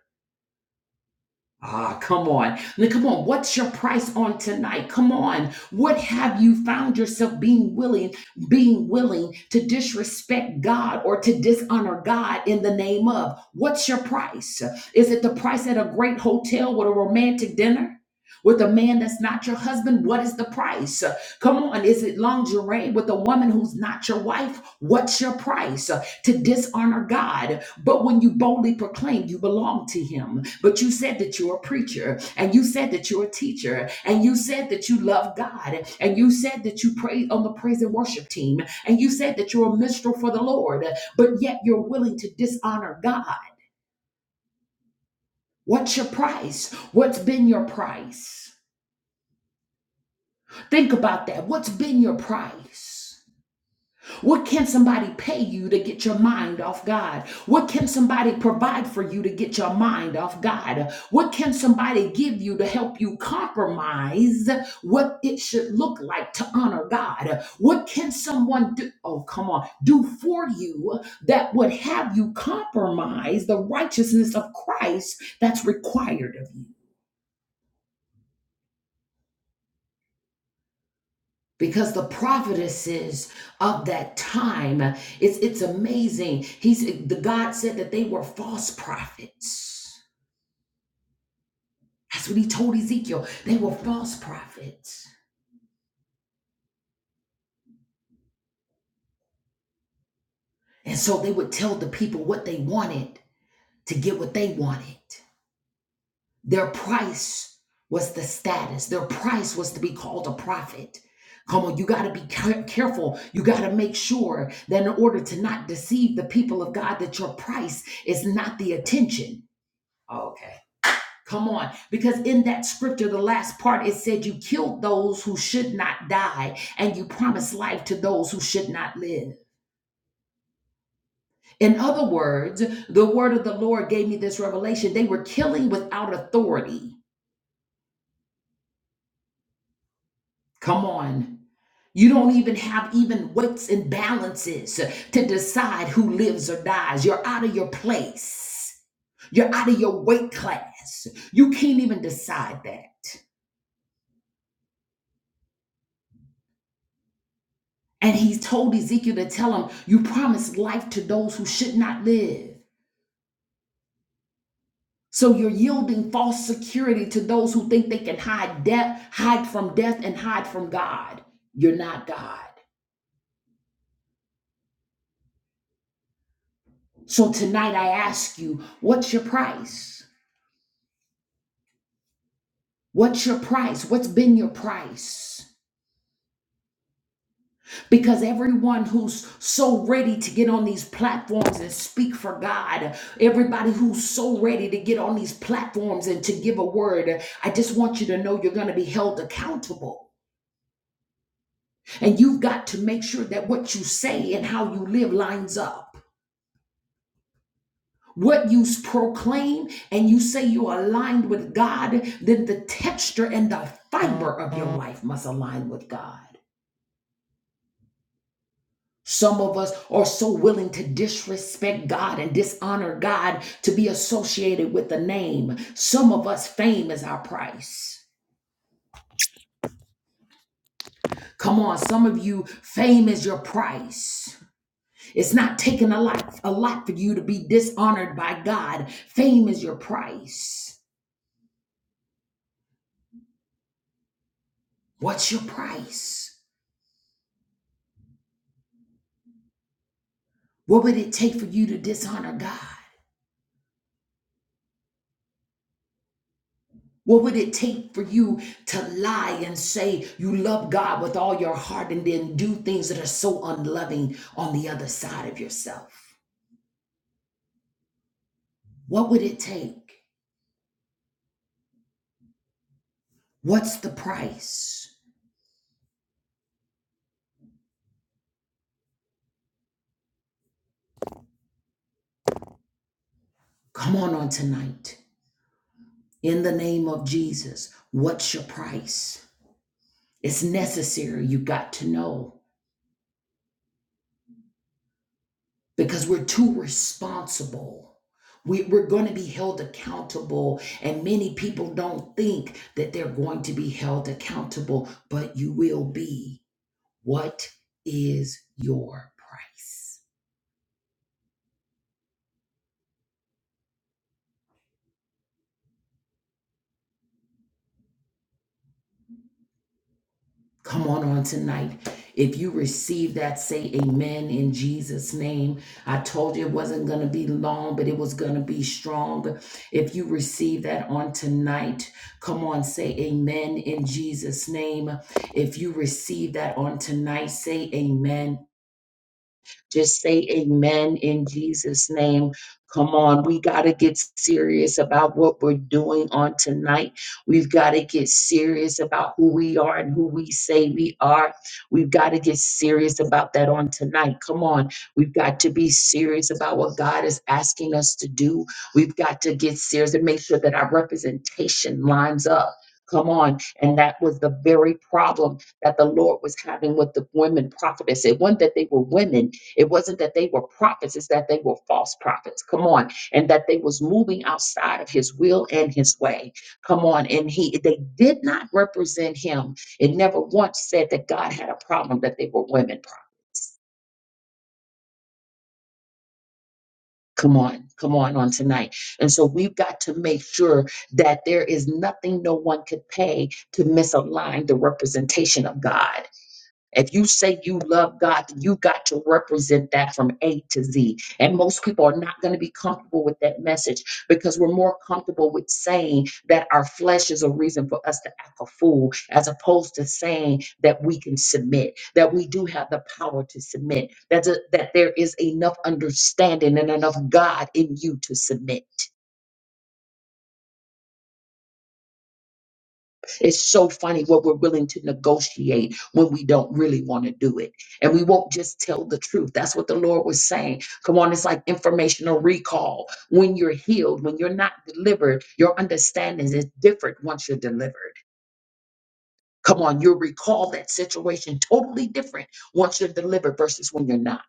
B: Ah, come on. Now, Come on. What's your price on tonight? Come on. What have you found yourself being willing, being willing to disrespect God or to dishonor God in the name of? What's your price? Is it the price at a great hotel with a romantic dinner? With a man that's not your husband, what is the price? Come on, is it lingerie with a woman who's not your wife? What's your price? to dishonor God. But when you boldly proclaim you belong to Him, but you said that you're a preacher, and you said that you're a teacher, and you said that you love God, and you said that you pray on the praise and worship team, and you said that you're a minstrel for the Lord, but yet you're willing to dishonor God. What's your price? What's been your price? Think about that. What's been your price? What can somebody pay you to get your mind off God? What can somebody provide for you to get your mind off God? What can somebody give you to help you compromise what it should look like to honor God? What can someone do? Oh, come on, do for you that would have you compromise the righteousness of Christ that's required of you? because the prophetesses of that time it's it's amazing he's the god said that they were false prophets that's what he told ezekiel they were false prophets and so they would tell the people what they wanted to get what they wanted their price was the status their price was to be called a prophet Come on, you got to be care- careful. You got to make sure that in order to not deceive the people of God, that your price is not the attention. Oh, Okay. Come on. Because in that scripture, the last part, it said you killed those who should not die and you promised life to those who should not live. In other words, the word of the Lord gave me this revelation. They were killing without authority. Come on. You don't even have even weights and balances to decide who lives or dies. You're out of your place. You're out of your weight class. You can't even decide that. And he told Ezekiel to tell him, You promised life to those who should not live. So you're yielding false security to those who think they can hide death, hide from death, and hide from God. You're not God. So tonight I ask you, what's your price? What's your price? What's been your price? Because everyone who's so ready to get on these platforms and speak for God, everybody who's so ready to get on these platforms and to give a word, I just want you to know you're going to be held accountable. And you've got to make sure that what you say and how you live lines up. What you proclaim and you say you're aligned with God, then the texture and the fiber of your life must align with God. Some of us are so willing to disrespect God and dishonor God to be associated with the name. Some of us, fame is our price. Come on, some of you, fame is your price. It's not taking a lot, a lot for you to be dishonored by God. Fame is your price. What's your price? What would it take for you to dishonor God? What would it take for you to lie and say you love God with all your heart and then do things that are so unloving on the other side of yourself? What would it take? What's the price? Come on on tonight. In the name of Jesus, what's your price? It's necessary. You got to know. because we're too responsible. We, we're going to be held accountable, and many people don't think that they're going to be held accountable, but you will be. What is your price? Come on on tonight. If you receive that, say amen in Jesus' name. I told you it wasn't going to be long, but it was going to be strong. If you receive that on tonight, come on, say amen in Jesus' name. If you receive that on tonight, say amen just say amen in Jesus' name. Come on, we got to get serious about what we're doing on tonight. We've got to get serious about who we are and who we say we are. We've got to get serious about that on tonight. Come on, we've got to be serious about what God is asking us to do. We've got to get serious and make sure that our representation lines up. Come on. And that was the very problem that the Lord was having with the women prophetess. It wasn't that they were women, it wasn't that they were prophets, it's that they were false prophets. Come on. And that they was moving outside of his will and his way. Come on. And he they did not represent him. It never once said that God had a problem that they were women prophets. Come on, come on on tonight. And so we've got to make sure that there is nothing no one could pay to misalign the representation of God. If you say you love God, then you got to represent that from A to Z. And most people are not going to be comfortable with that message because we're more comfortable with saying that our flesh is a reason for us to act a fool, as opposed to saying that we can submit, that we do have the power to submit, that, that there is enough understanding and enough God in you to submit. It's so funny what we're willing to negotiate when we don't really want to do it. And we won't just tell the truth. That's what the Lord was saying. Come on, it's like informational recall. When you're healed, when you're not delivered, your understanding is different once you're delivered. Come on, you'll recall that situation totally different once you're delivered versus when you're not.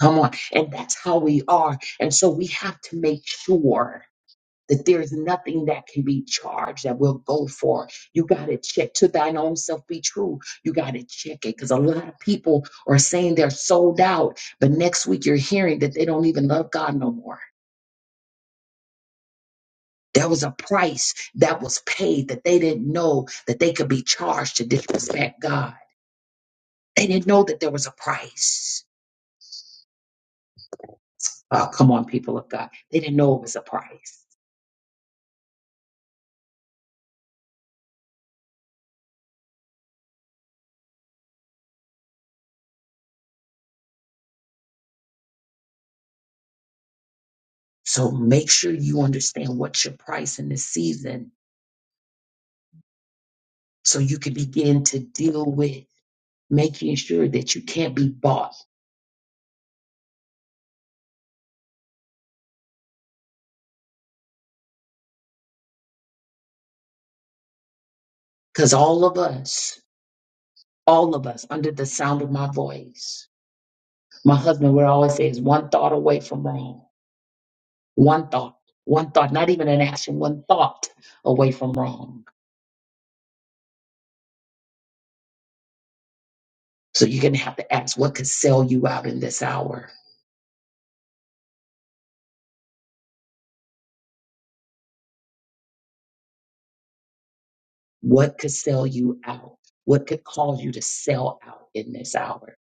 B: Come on. And that's how we are. And so we have to make sure. that there's nothing that can be charged that will go for. You got to check to thine own self be true. You got to check it because a lot of people are saying they're sold out, but next week you're hearing that they don't even love God no more. There was a price that was paid that they didn't know that they could be charged to disrespect God. They didn't know that there was a price. Oh, come on, people of God. They didn't know it was a price. So make sure you understand what's your price in this season so you can begin to deal with making sure that you can't be bought. Because all of us, all of us, under the sound of my voice, my husband would always say, is one thought away from wrong. One thought, one thought, not even an action, one thought away from wrong. So you're going to have to ask what could sell you out in this hour? What could sell you out? What could cause you to sell out in this hour?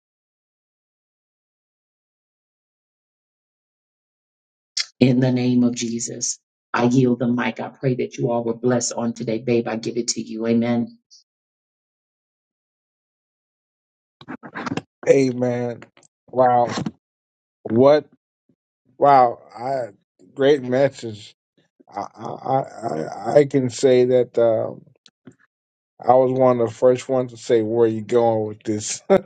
B: In the name of Jesus, I yield the mic. I pray that you all were blessed on today. Babe, I give it to you. Amen.
A: Amen. Wow. What Wow, I, great message. I, I I I can say that uh, I was one of the first ones to say where are you going with this. I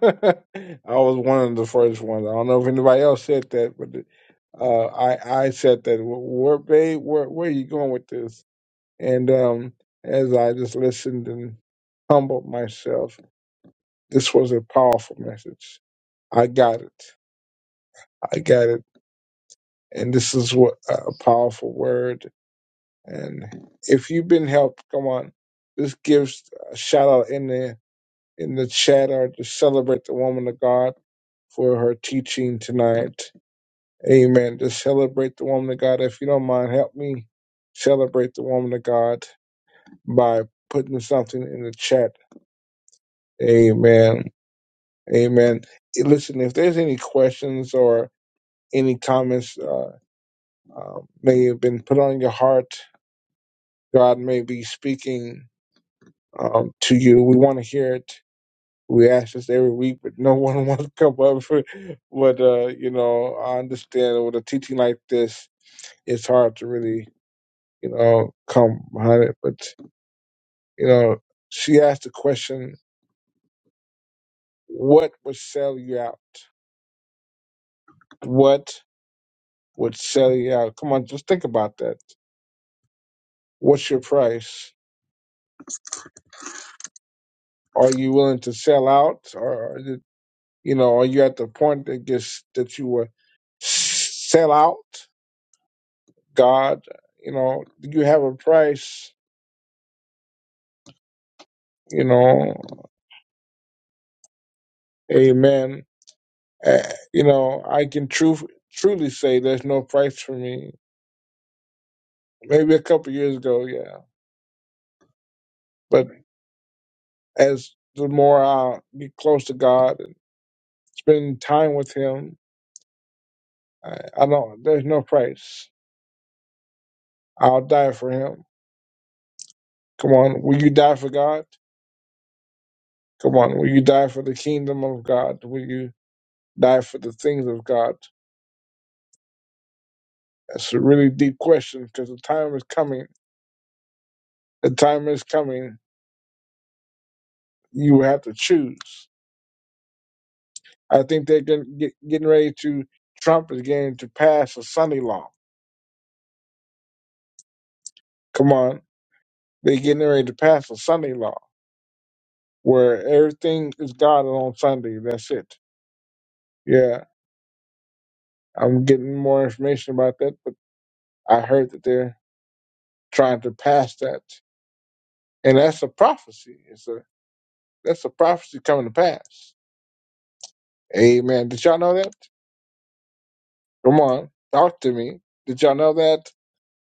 A: was one of the first ones. I don't know if anybody else said that, but uh, I I said that. Where, babe, where where are you going with this? And um, as I just listened and humbled myself, this was a powerful message. I got it. I got it. And this is what a powerful word And if you've been helped, come on, just give a shout out in the in the chat or just celebrate the woman of God for her teaching tonight. Amen. Just celebrate the woman of God. If you don't mind, help me celebrate the woman of God by putting something in the chat. Amen. Amen. Eh, Listen, if there's any questions or any comments uh, uh, may have been put on your heart, God may be speaking um, to you. We want to hear it. We ask this every week, but no one wants to come up. but uh, you know, I understand with a teaching like this, it's hard to really, you know, come behind it. But you know, she asked the question, "What would sell you out? What would sell you out? Come on, just think about that. What's your price? Are you willing to sell out, or is it, you know, are you at the point that gets that you will s- sell out?" God, you know, you have a price, you know, amen. Uh, you know, I can truth, truly say there's no price for me. Maybe a couple years ago, yeah. But as the more I get close to God and spend time with Him, I, I don't, there's no price. I'll die for Him. Come on, will you die for God? Come on, will you die for the kingdom of God? Will you die for the things of God? That's a really deep question because the time is coming The time is coming. You will have to choose. I think they're getting, get, getting ready to. Trump is getting to pass a Sunday law. Come on, they're getting ready to pass a Sunday law where everything is God on Sunday. That's it. Yeah, I'm getting more information about that, but I heard that they're trying to pass that, and that's a prophecy. It's a that's a prophecy coming to pass. Amen. Did y'all know that? Come on, talk to me. Did y'all know that?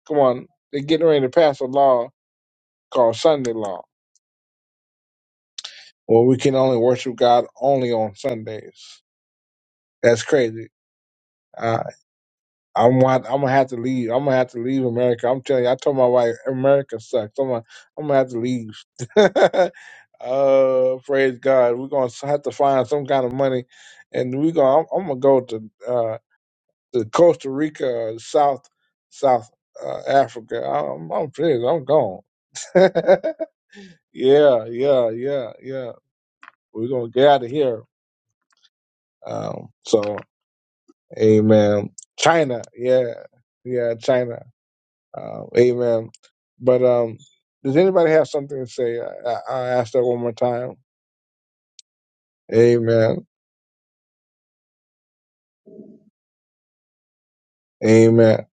A: Come on, they're getting ready to pass a law called Sunday law, where we can only worship God only on Sundays. That's crazy. Uh, I'm gonna, I'm gonna have to leave. I'm gonna have to leave America. I'm telling you. I told my wife America sucks. I'm gonna, I'm gonna have to leave. uh, praise God. We're gonna have to find some kind of money, and we gonna. I'm, I'm gonna go to uh, to Costa Rica, South South uh, Africa. I'm, I'm finished. I'm gone. yeah, yeah, yeah, yeah. We're gonna get out of here. Um, so, amen. China, yeah, yeah, China, uh, amen. But um, does anybody have something to say? I, I, i ask that one more time. Amen, amen,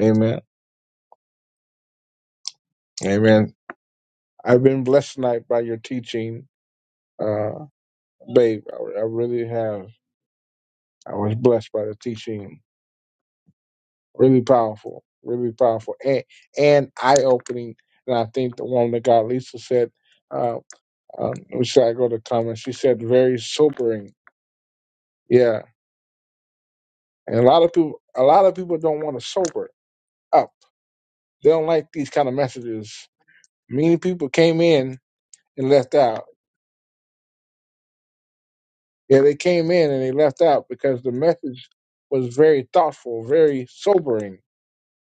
A: amen, amen. I've been blessed tonight by your teaching, uh, babe. I, I really have. I was blessed by the teaching. Really powerful, really powerful, and and eye opening. And I think the one that God Lisa said. uh, um, which I go to comment. She said very sobering. Yeah, and a lot of people, a lot of people don't want to sober up. They don't like these kind of messages. Many people came in and left out. Yeah, they came in and they left out because the message was very thoughtful, very sobering.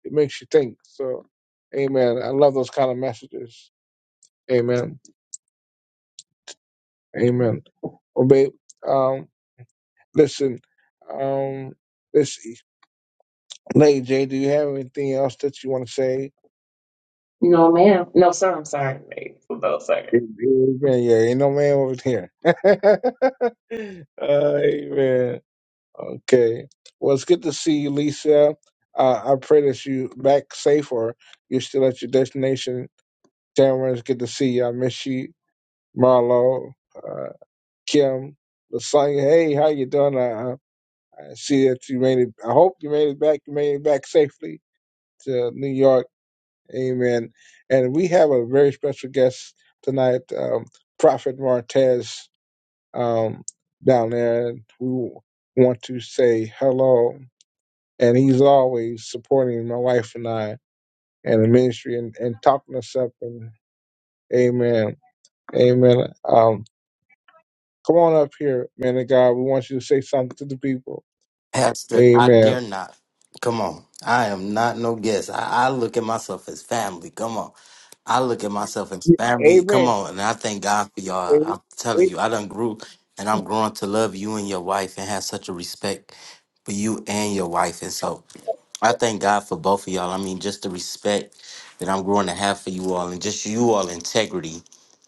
A: It makes you think. So, Amen. I love those kind of messages. Amen. Amen. Well, babe, um, listen, um, let's see. Lady J, do you have anything else that you want to say?
B: No, ma'am. No, sir. I'm sorry, babe. No, sir.
A: Amen. Yeah, ain't no man over here. Amen. Okay. Well, it's good to see you, Lisa. Uh, I pray that you back safe or you're still at your destination. Tamara, it's good to see you. I miss you. Marlo, uh, Kim, Lasagna. Hey, how you doing? I, I I see that you made it. I hope you made it back. You made it back safely to New York. Amen. And we have a very special guest tonight, um, Prophet Martez. um, down there. We want to say hello. And he's always supporting my wife and I and the ministry and, and talking us up. And amen. Amen. Um, come on up here, man of God. We want you to say something to the people.
C: Pastor, I
A: Amen.
C: dare not. Come on. I am not no guest. I, I look at myself as family. Come on. I look at myself as family.
A: Amen.
C: Come on. And I thank God for
A: A-
C: y'all. I'm telling
A: a-
C: you, I done grew and I'm growing to love you and your wife and have such a respect for you and your wife. And so I thank God for both of y'all. I mean, just the respect that I'm growing to have for you all and just you all integrity.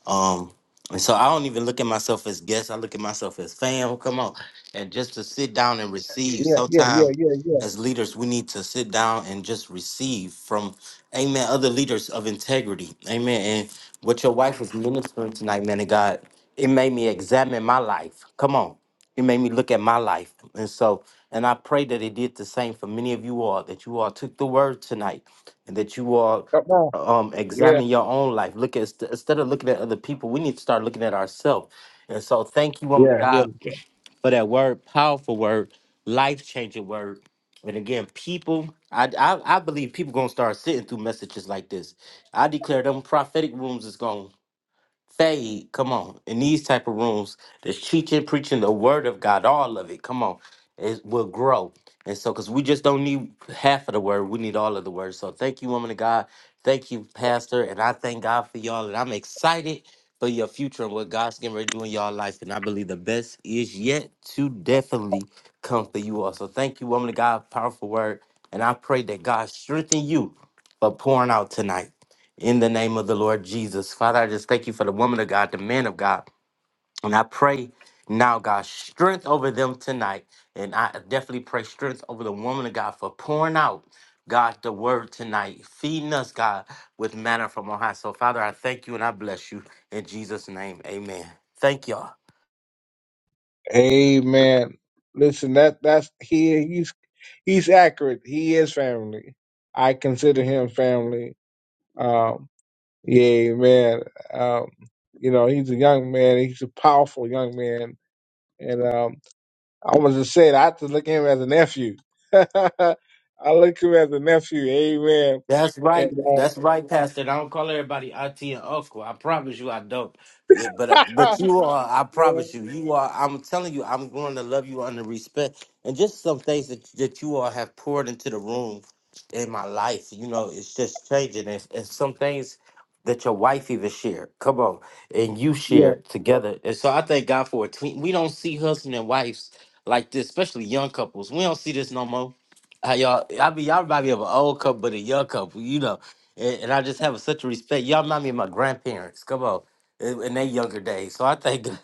C: Um, and so I don't even look at myself as guest. I look at myself as fam. Come on, and just to sit down and receive.
A: Yeah, yeah, yeah,
C: Sometimes,
A: yeah, yeah.
C: as leaders, we need to sit down and just receive from, Amen. Other leaders of integrity, Amen. And what your wife was ministering tonight, man of God, it made me examine my life. Come on, it made me look at my life, and so. And I pray that it did the same for many of you all, that you all took the word tonight and that you all
A: Come on.
C: um
A: Yeah,
C: examine your own life look at instead of looking at other people we need to start looking at ourselves and so thank you woman
A: yeah,
C: of Yes.
A: yeah.
C: god for that word powerful word life-changing word and again people i i, I believe people gonna start sitting through messages like this i declare them prophetic rooms is gone Say, come on, in these type of rooms, that's teaching, preaching the word of God, all of it, come on, it will grow. And so, because we just don't need half of the word, we need all of the word. So, thank you, woman of God. Thank you, Pastor. And I thank God for y'all. And I'm excited for your future and what God's getting ready to do in y'all life. And I believe the best is yet to definitely come for you all. So, thank you, woman of God. Powerful word. And I pray that God strengthen you for pouring out tonight in the name of the Lord Jesus. Father, I just thank you for the woman of God, the man of God. And I pray now, God, strength over them tonight. And I definitely pray strength over the woman of God for pouring out, God, the word tonight, feeding us, God, with manna from on high. So, Father, I thank you and I bless you in Jesus' name. Amen. Thank y'all.
A: Amen. Listen, that that's he he's he's accurate. He is family. I consider him family Um, yeah, man. Um, you know, he's a young man. He's a powerful young man. And um, I was just saying, I have to look at him as a nephew. I look him as a nephew. Amen.
C: That's right.
A: And
C: That's right, Pastor. And I don't call everybody auntie and uncle. I promise you, I don't. Yeah, but uh,
A: uh,
C: but you are. I
A: yeah,
C: promise you, you are. I'm telling you, I'm going to love you under respect, and just some things that that you all have poured into the room in my life. You know, it's just changing, and, and some things that your wife even shared. Come on, and you
A: yeah,
C: shared together, and so I thank God for it. We we don't see husband and wives like this, especially young couples. We don't see this no more how y'all I mean y'all remind me of an old couple but a young couple, you know. And, and I just have such a respect. Y'all remind me of my grandparents. Come on. In, in their younger days. So I thank God-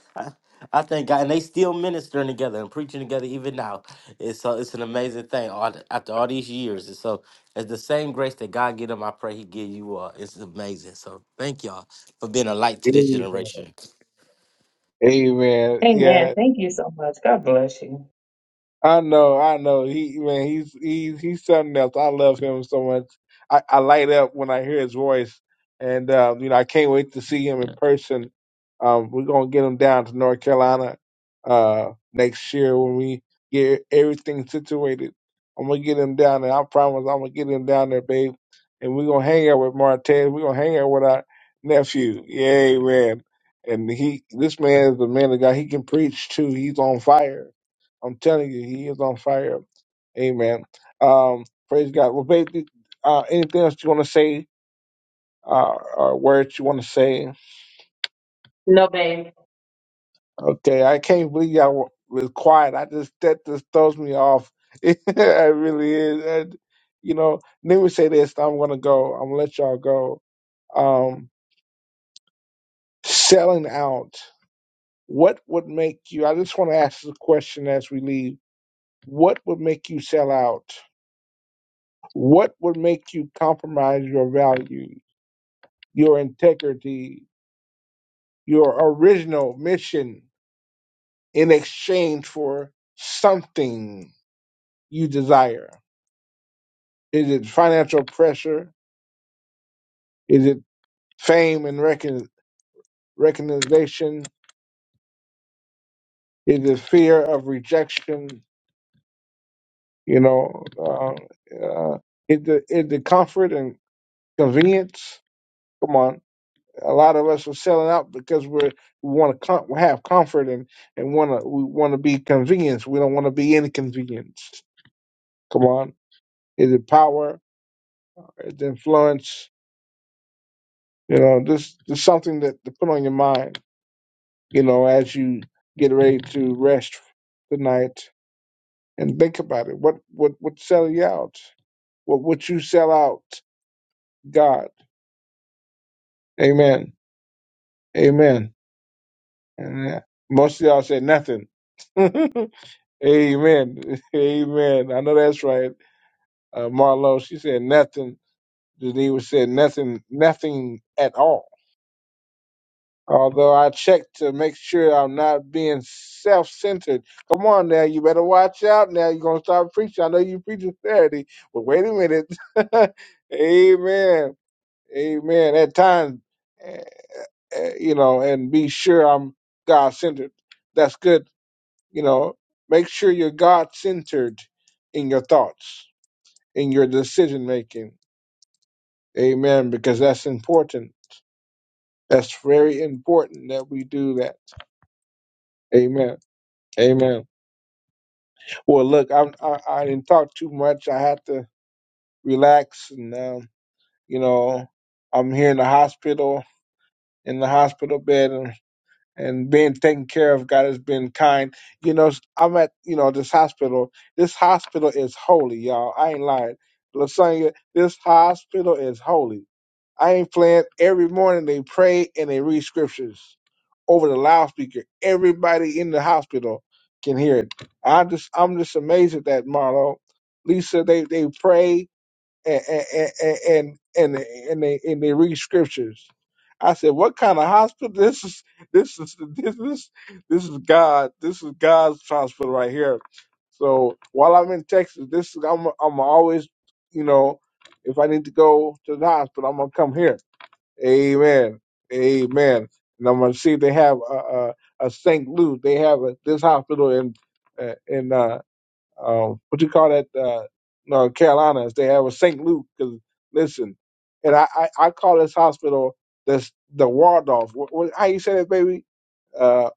C: I thank God and they still ministering together and preaching together even now. It's so it's an amazing thing all, the- after all these years. And so it's the same grace that God give them, I pray he give you all. It's amazing. So thank y'all for being a light to this
A: amen.
C: generation.
A: Amen. Yeah,
B: Much. God bless you.
A: I know, I know. He man, he's he's he's something else. I love him so much. I, I light up when I hear his voice, and uh, you know I can't wait to see him in Yeah. person. Um, we're gonna get him down to North Carolina uh, next year when we get everything situated. I'm gonna get him down there. I promise. I'm gonna get him down there, babe. And we're gonna hang out with Martez. We're gonna hang out with our nephew. Yay, man! And he, this man is the man of God. He can preach too. He's on fire I'm telling you, he is on fire. Amen. Um, praise God. Well, baby, uh, anything else you want to say? Uh, or words you want to say?
B: No, babe.
A: Okay, I can't believe y'all was quiet. I just that just throws me off. it really is. And, you know, let me say this. I'm gonna go. I'm gonna let y'all go. Um, selling out. What would make you? I just want to ask the question as we leave. What would make you sell out? What would make you compromise your values? your integrity, your original mission in exchange for something you desire. Is it financial pressure? Is it fame and recon- recognition? Is it fear of rejection? You know, uh, uh, is, the, is the comfort and convenience? Come on. A lot of us are selling out because we're, we want to com- have comfort and, and want to we want to be convenienced. We don't want to be inconvenienced. Come on Is it power? Is it influence? You know, just, just something that to put on your mind, you know, as you get ready to rest tonight and think about it. What what would sell you out? What would you sell out? God. Amen. Amen. And uh, most of y'all said nothing. Amen. Amen. I know that's right. Uh, Marlo, she said nothing. Geneva said nothing, nothing at all Although I check to make sure I'm not being self centered. Come on now, you better watch out now. You're going to start preaching. I know you preaching Saturday, but wait a minute. Amen. Amen. At times, eh, eh, you know, and be sure I'm God centered. That's good. You know, make sure you're God centered in your thoughts, in your decision making. Amen. Because that's important. That's very important that we do that. Amen. Amen. Well, look, I'm, I I didn't talk too much. I had to relax, and um, you know, I'm here in the hospital, in the hospital bed, and and being taken care of. God has been kind. You know, I'm at you know this hospital. This hospital is holy, y'all. I ain't lying. Lasagna, this hospital is holy. I ain't playing. Every morning they pray and they read scriptures over the loudspeaker. Everybody in the hospital can hear it. I just, I'm just amazed at that, Marlo. Lisa, they they pray and and and and, and they and they read scriptures. I said, what kind of hospital? This is this is this is this is God. This is God's hospital right here. So while I'm in Texas, this is I'm I'm always, you know, if I need to go to the hospital, I'm gonna come here Amen. Amen. And I'm gonna see they have a a, a St. Luke. They have a, this hospital in uh, in uh, um, what you call that? Uh, North Carolina. They have a St. Luke. Cause listen, and I, I I call this hospital this the Waldorf. What, what, how you say that, baby? Uh,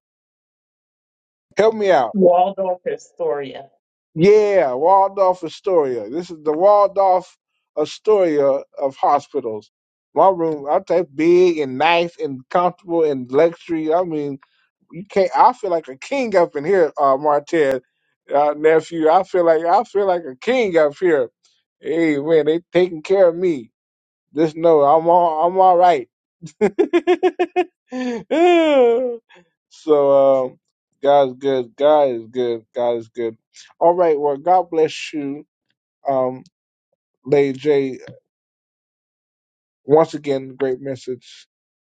A: help me out.
B: Waldorf Astoria.
A: Yeah, Waldorf Astoria. This is the Waldorf Astoria of hospitals. My room, I type big and nice and comfortable and luxury. I mean, King, I feel like a king up in here, uh, Martez, uh, nephew. I feel like I feel like a king up here. Hey man, they taking care of me. Just know I'm all I'm all right. so um, God is good. God is good. God is good. All right. Well, God bless you, um, Lady J. Once again, great message.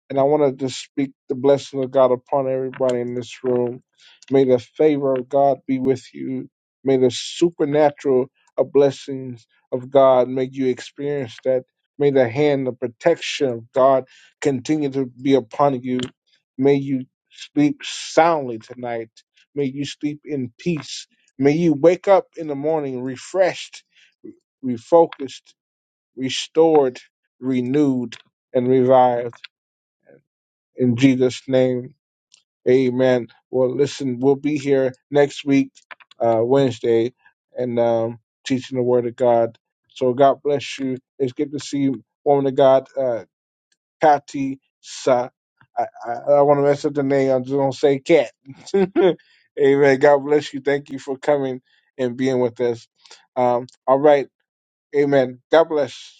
A: And I want to just speak the blessing of God upon everybody in this room. May the favor of God be with you. May the supernatural of blessings of God make you experience that. May the hand of protection of God continue to be upon you. May you sleep soundly tonight. May you sleep in peace. May you wake up in the morning refreshed, refocused, restored, renewed, and revived. In Jesus' name, amen. Well, listen, we'll be here next week, uh, Wednesday, and um, teaching the Word of God. So God bless you. It's good to see you, woman of God, uh, Kati Sa. I, I, I want to mess up the name. I'm just going to say Cat. amen. God bless you. Thank you for coming and being with us. Um, all right. Amen. God bless.